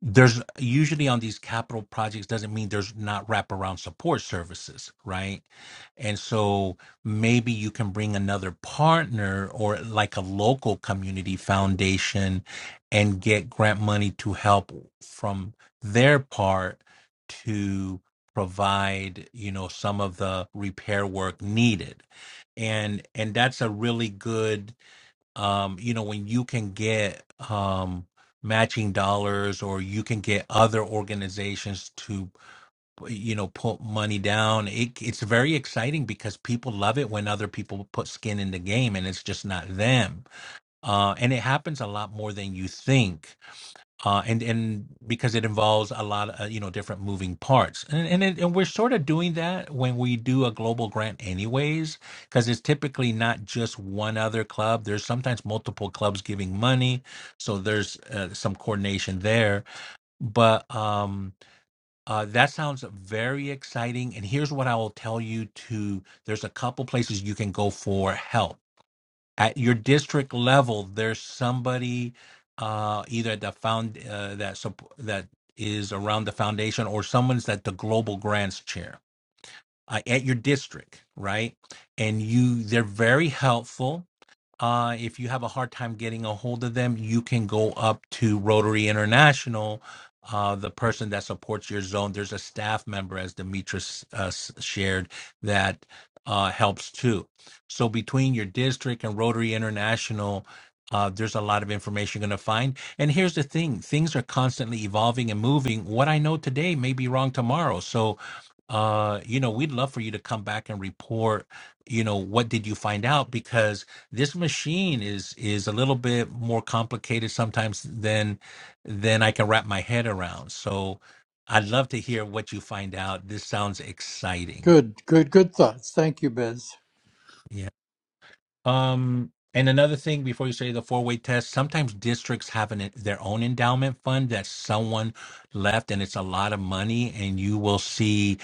Speaker 1: there's usually on these capital projects doesn't mean there's not wraparound support services, right? And so maybe you can bring another partner or like a local community foundation and get grant money to help from their part to provide, you know, some of the repair work needed. And and that's a really good um you know when you can get um matching dollars or you can get other organizations to you know put money down it, it's very exciting because people love it when other people put skin in the game and it's just not them uh and it happens a lot more than you think uh, and and because it involves a lot of you know different moving parts, and and, it, and we're sort of doing that when we do a global grant, anyways, because it's typically not just one other club. There's sometimes multiple clubs giving money, so there's uh, some coordination there. But um, uh, that sounds very exciting. And here's what I will tell you: to there's a couple places you can go for help at your district level there's somebody uh either at the found uh, that supp- that is around the foundation or someone's at the global grants chair uh, at your district right and you they're very helpful uh, if you have a hard time getting a hold of them, you can go up to Rotary International, uh, the person that supports your zone. There's a staff member, as Demetrius uh, s- shared, that uh, helps too. So between your district and Rotary International, uh, there's a lot of information you're going to find. And here's the thing things are constantly evolving and moving. What I know today may be wrong tomorrow. So, uh, you know, we'd love for you to come back and report, you know, what did you find out? Because this machine is is a little bit more complicated sometimes than than I can wrap my head around. So I'd love to hear what you find out. This sounds exciting.
Speaker 2: Good, good, good thoughts. Thank you, Bez.
Speaker 1: Yeah. Um and another thing before you say the four-way test, sometimes districts have an, their own endowment fund that someone left and it's a lot of money and you will see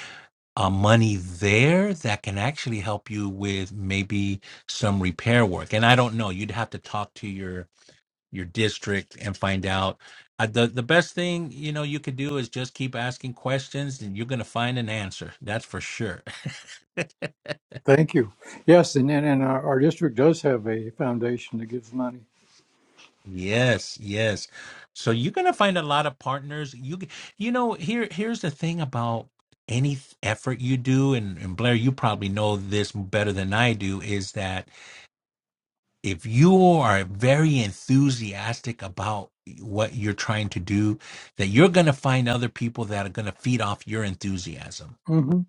Speaker 1: uh, money there that can actually help you with maybe some repair work. And I don't know, you'd have to talk to your your district and find out. Uh, the the best thing you know you could do is just keep asking questions, and you're gonna find an answer. That's for sure.
Speaker 2: Thank you. Yes, and and, and our, our district does have a foundation that gives money.
Speaker 1: Yes, yes. So you're gonna find a lot of partners. You g- you know here here's the thing about any th- effort you do, and, and Blair, you probably know this better than I do, is that if you are very enthusiastic about what you're trying to do, that you're gonna find other people that are gonna feed off your enthusiasm
Speaker 2: hmm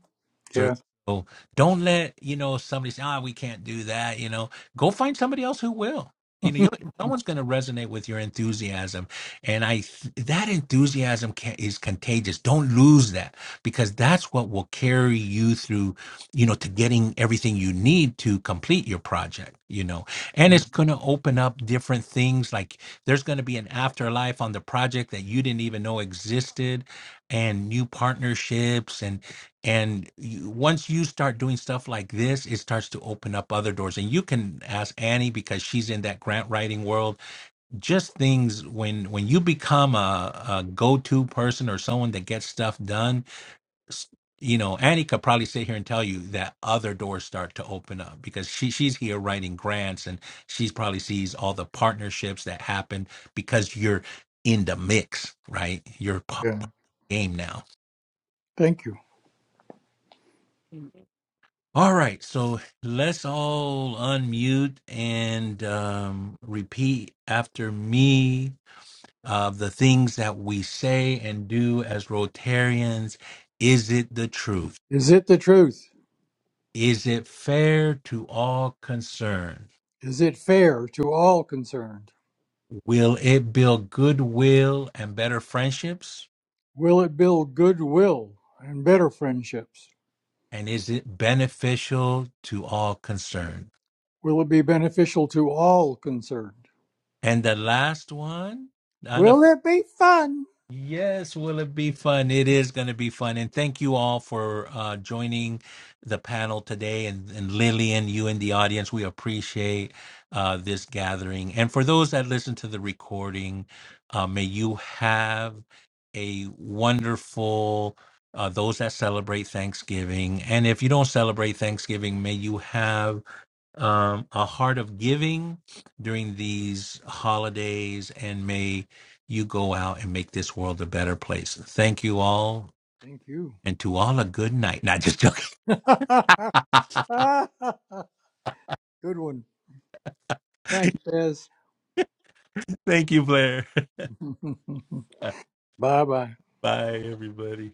Speaker 1: So
Speaker 2: Yeah,
Speaker 1: so don't let you know somebody say, "Ah, we can't do that." You know, go find somebody else who will. You know, you someone's going to resonate with your enthusiasm, and I th- that enthusiasm can, is contagious. Don't lose that because that's what will carry you through. You know, to getting everything you need to complete your project. You know, and it's going to open up different things. Like there's going to be an afterlife on the project that you didn't even know existed, and new partnerships and you, once you start doing stuff like this it starts to open up other doors and you can ask annie because she's in that grant writing world just things when when you become a, a go-to person or someone that gets stuff done s- you know annie could probably sit here and tell you that other doors start to open up because she she's here writing grants and she's probably sees all the partnerships that happen because you're in the mix right you're p-
Speaker 2: yeah.
Speaker 1: p- game now
Speaker 2: Thank you.
Speaker 1: All right, so let's all unmute and um, repeat after me uh, the things that we say and do as Rotarians. Is it the truth?
Speaker 2: Is it the truth?
Speaker 1: Is it fair to all concerned?
Speaker 2: Is it fair to all concerned?
Speaker 1: Will it build goodwill and better friendships?
Speaker 2: Will it build goodwill and better friendships?
Speaker 1: And is it beneficial to all concerned?
Speaker 2: Will it be beneficial to all concerned?
Speaker 1: And the last one,
Speaker 2: Will it be fun?
Speaker 1: Yes, will it be fun? It is going to be fun. And thank you all for uh, joining the panel today. And, and Lillian, you in the audience, we appreciate uh, this gathering. And for those that listen to the recording, uh, may you have a wonderful, uh, those that celebrate Thanksgiving. And if you don't celebrate Thanksgiving, may you have um, a heart of giving during these holidays, and may you go out and make this world a better place. Thank you all,
Speaker 2: Thank you.
Speaker 1: and to all a good night. Not just joking.
Speaker 2: Good one. Thanks, Tez.
Speaker 1: Thank you, Blair. Bye,
Speaker 2: bye bye.
Speaker 1: everybody.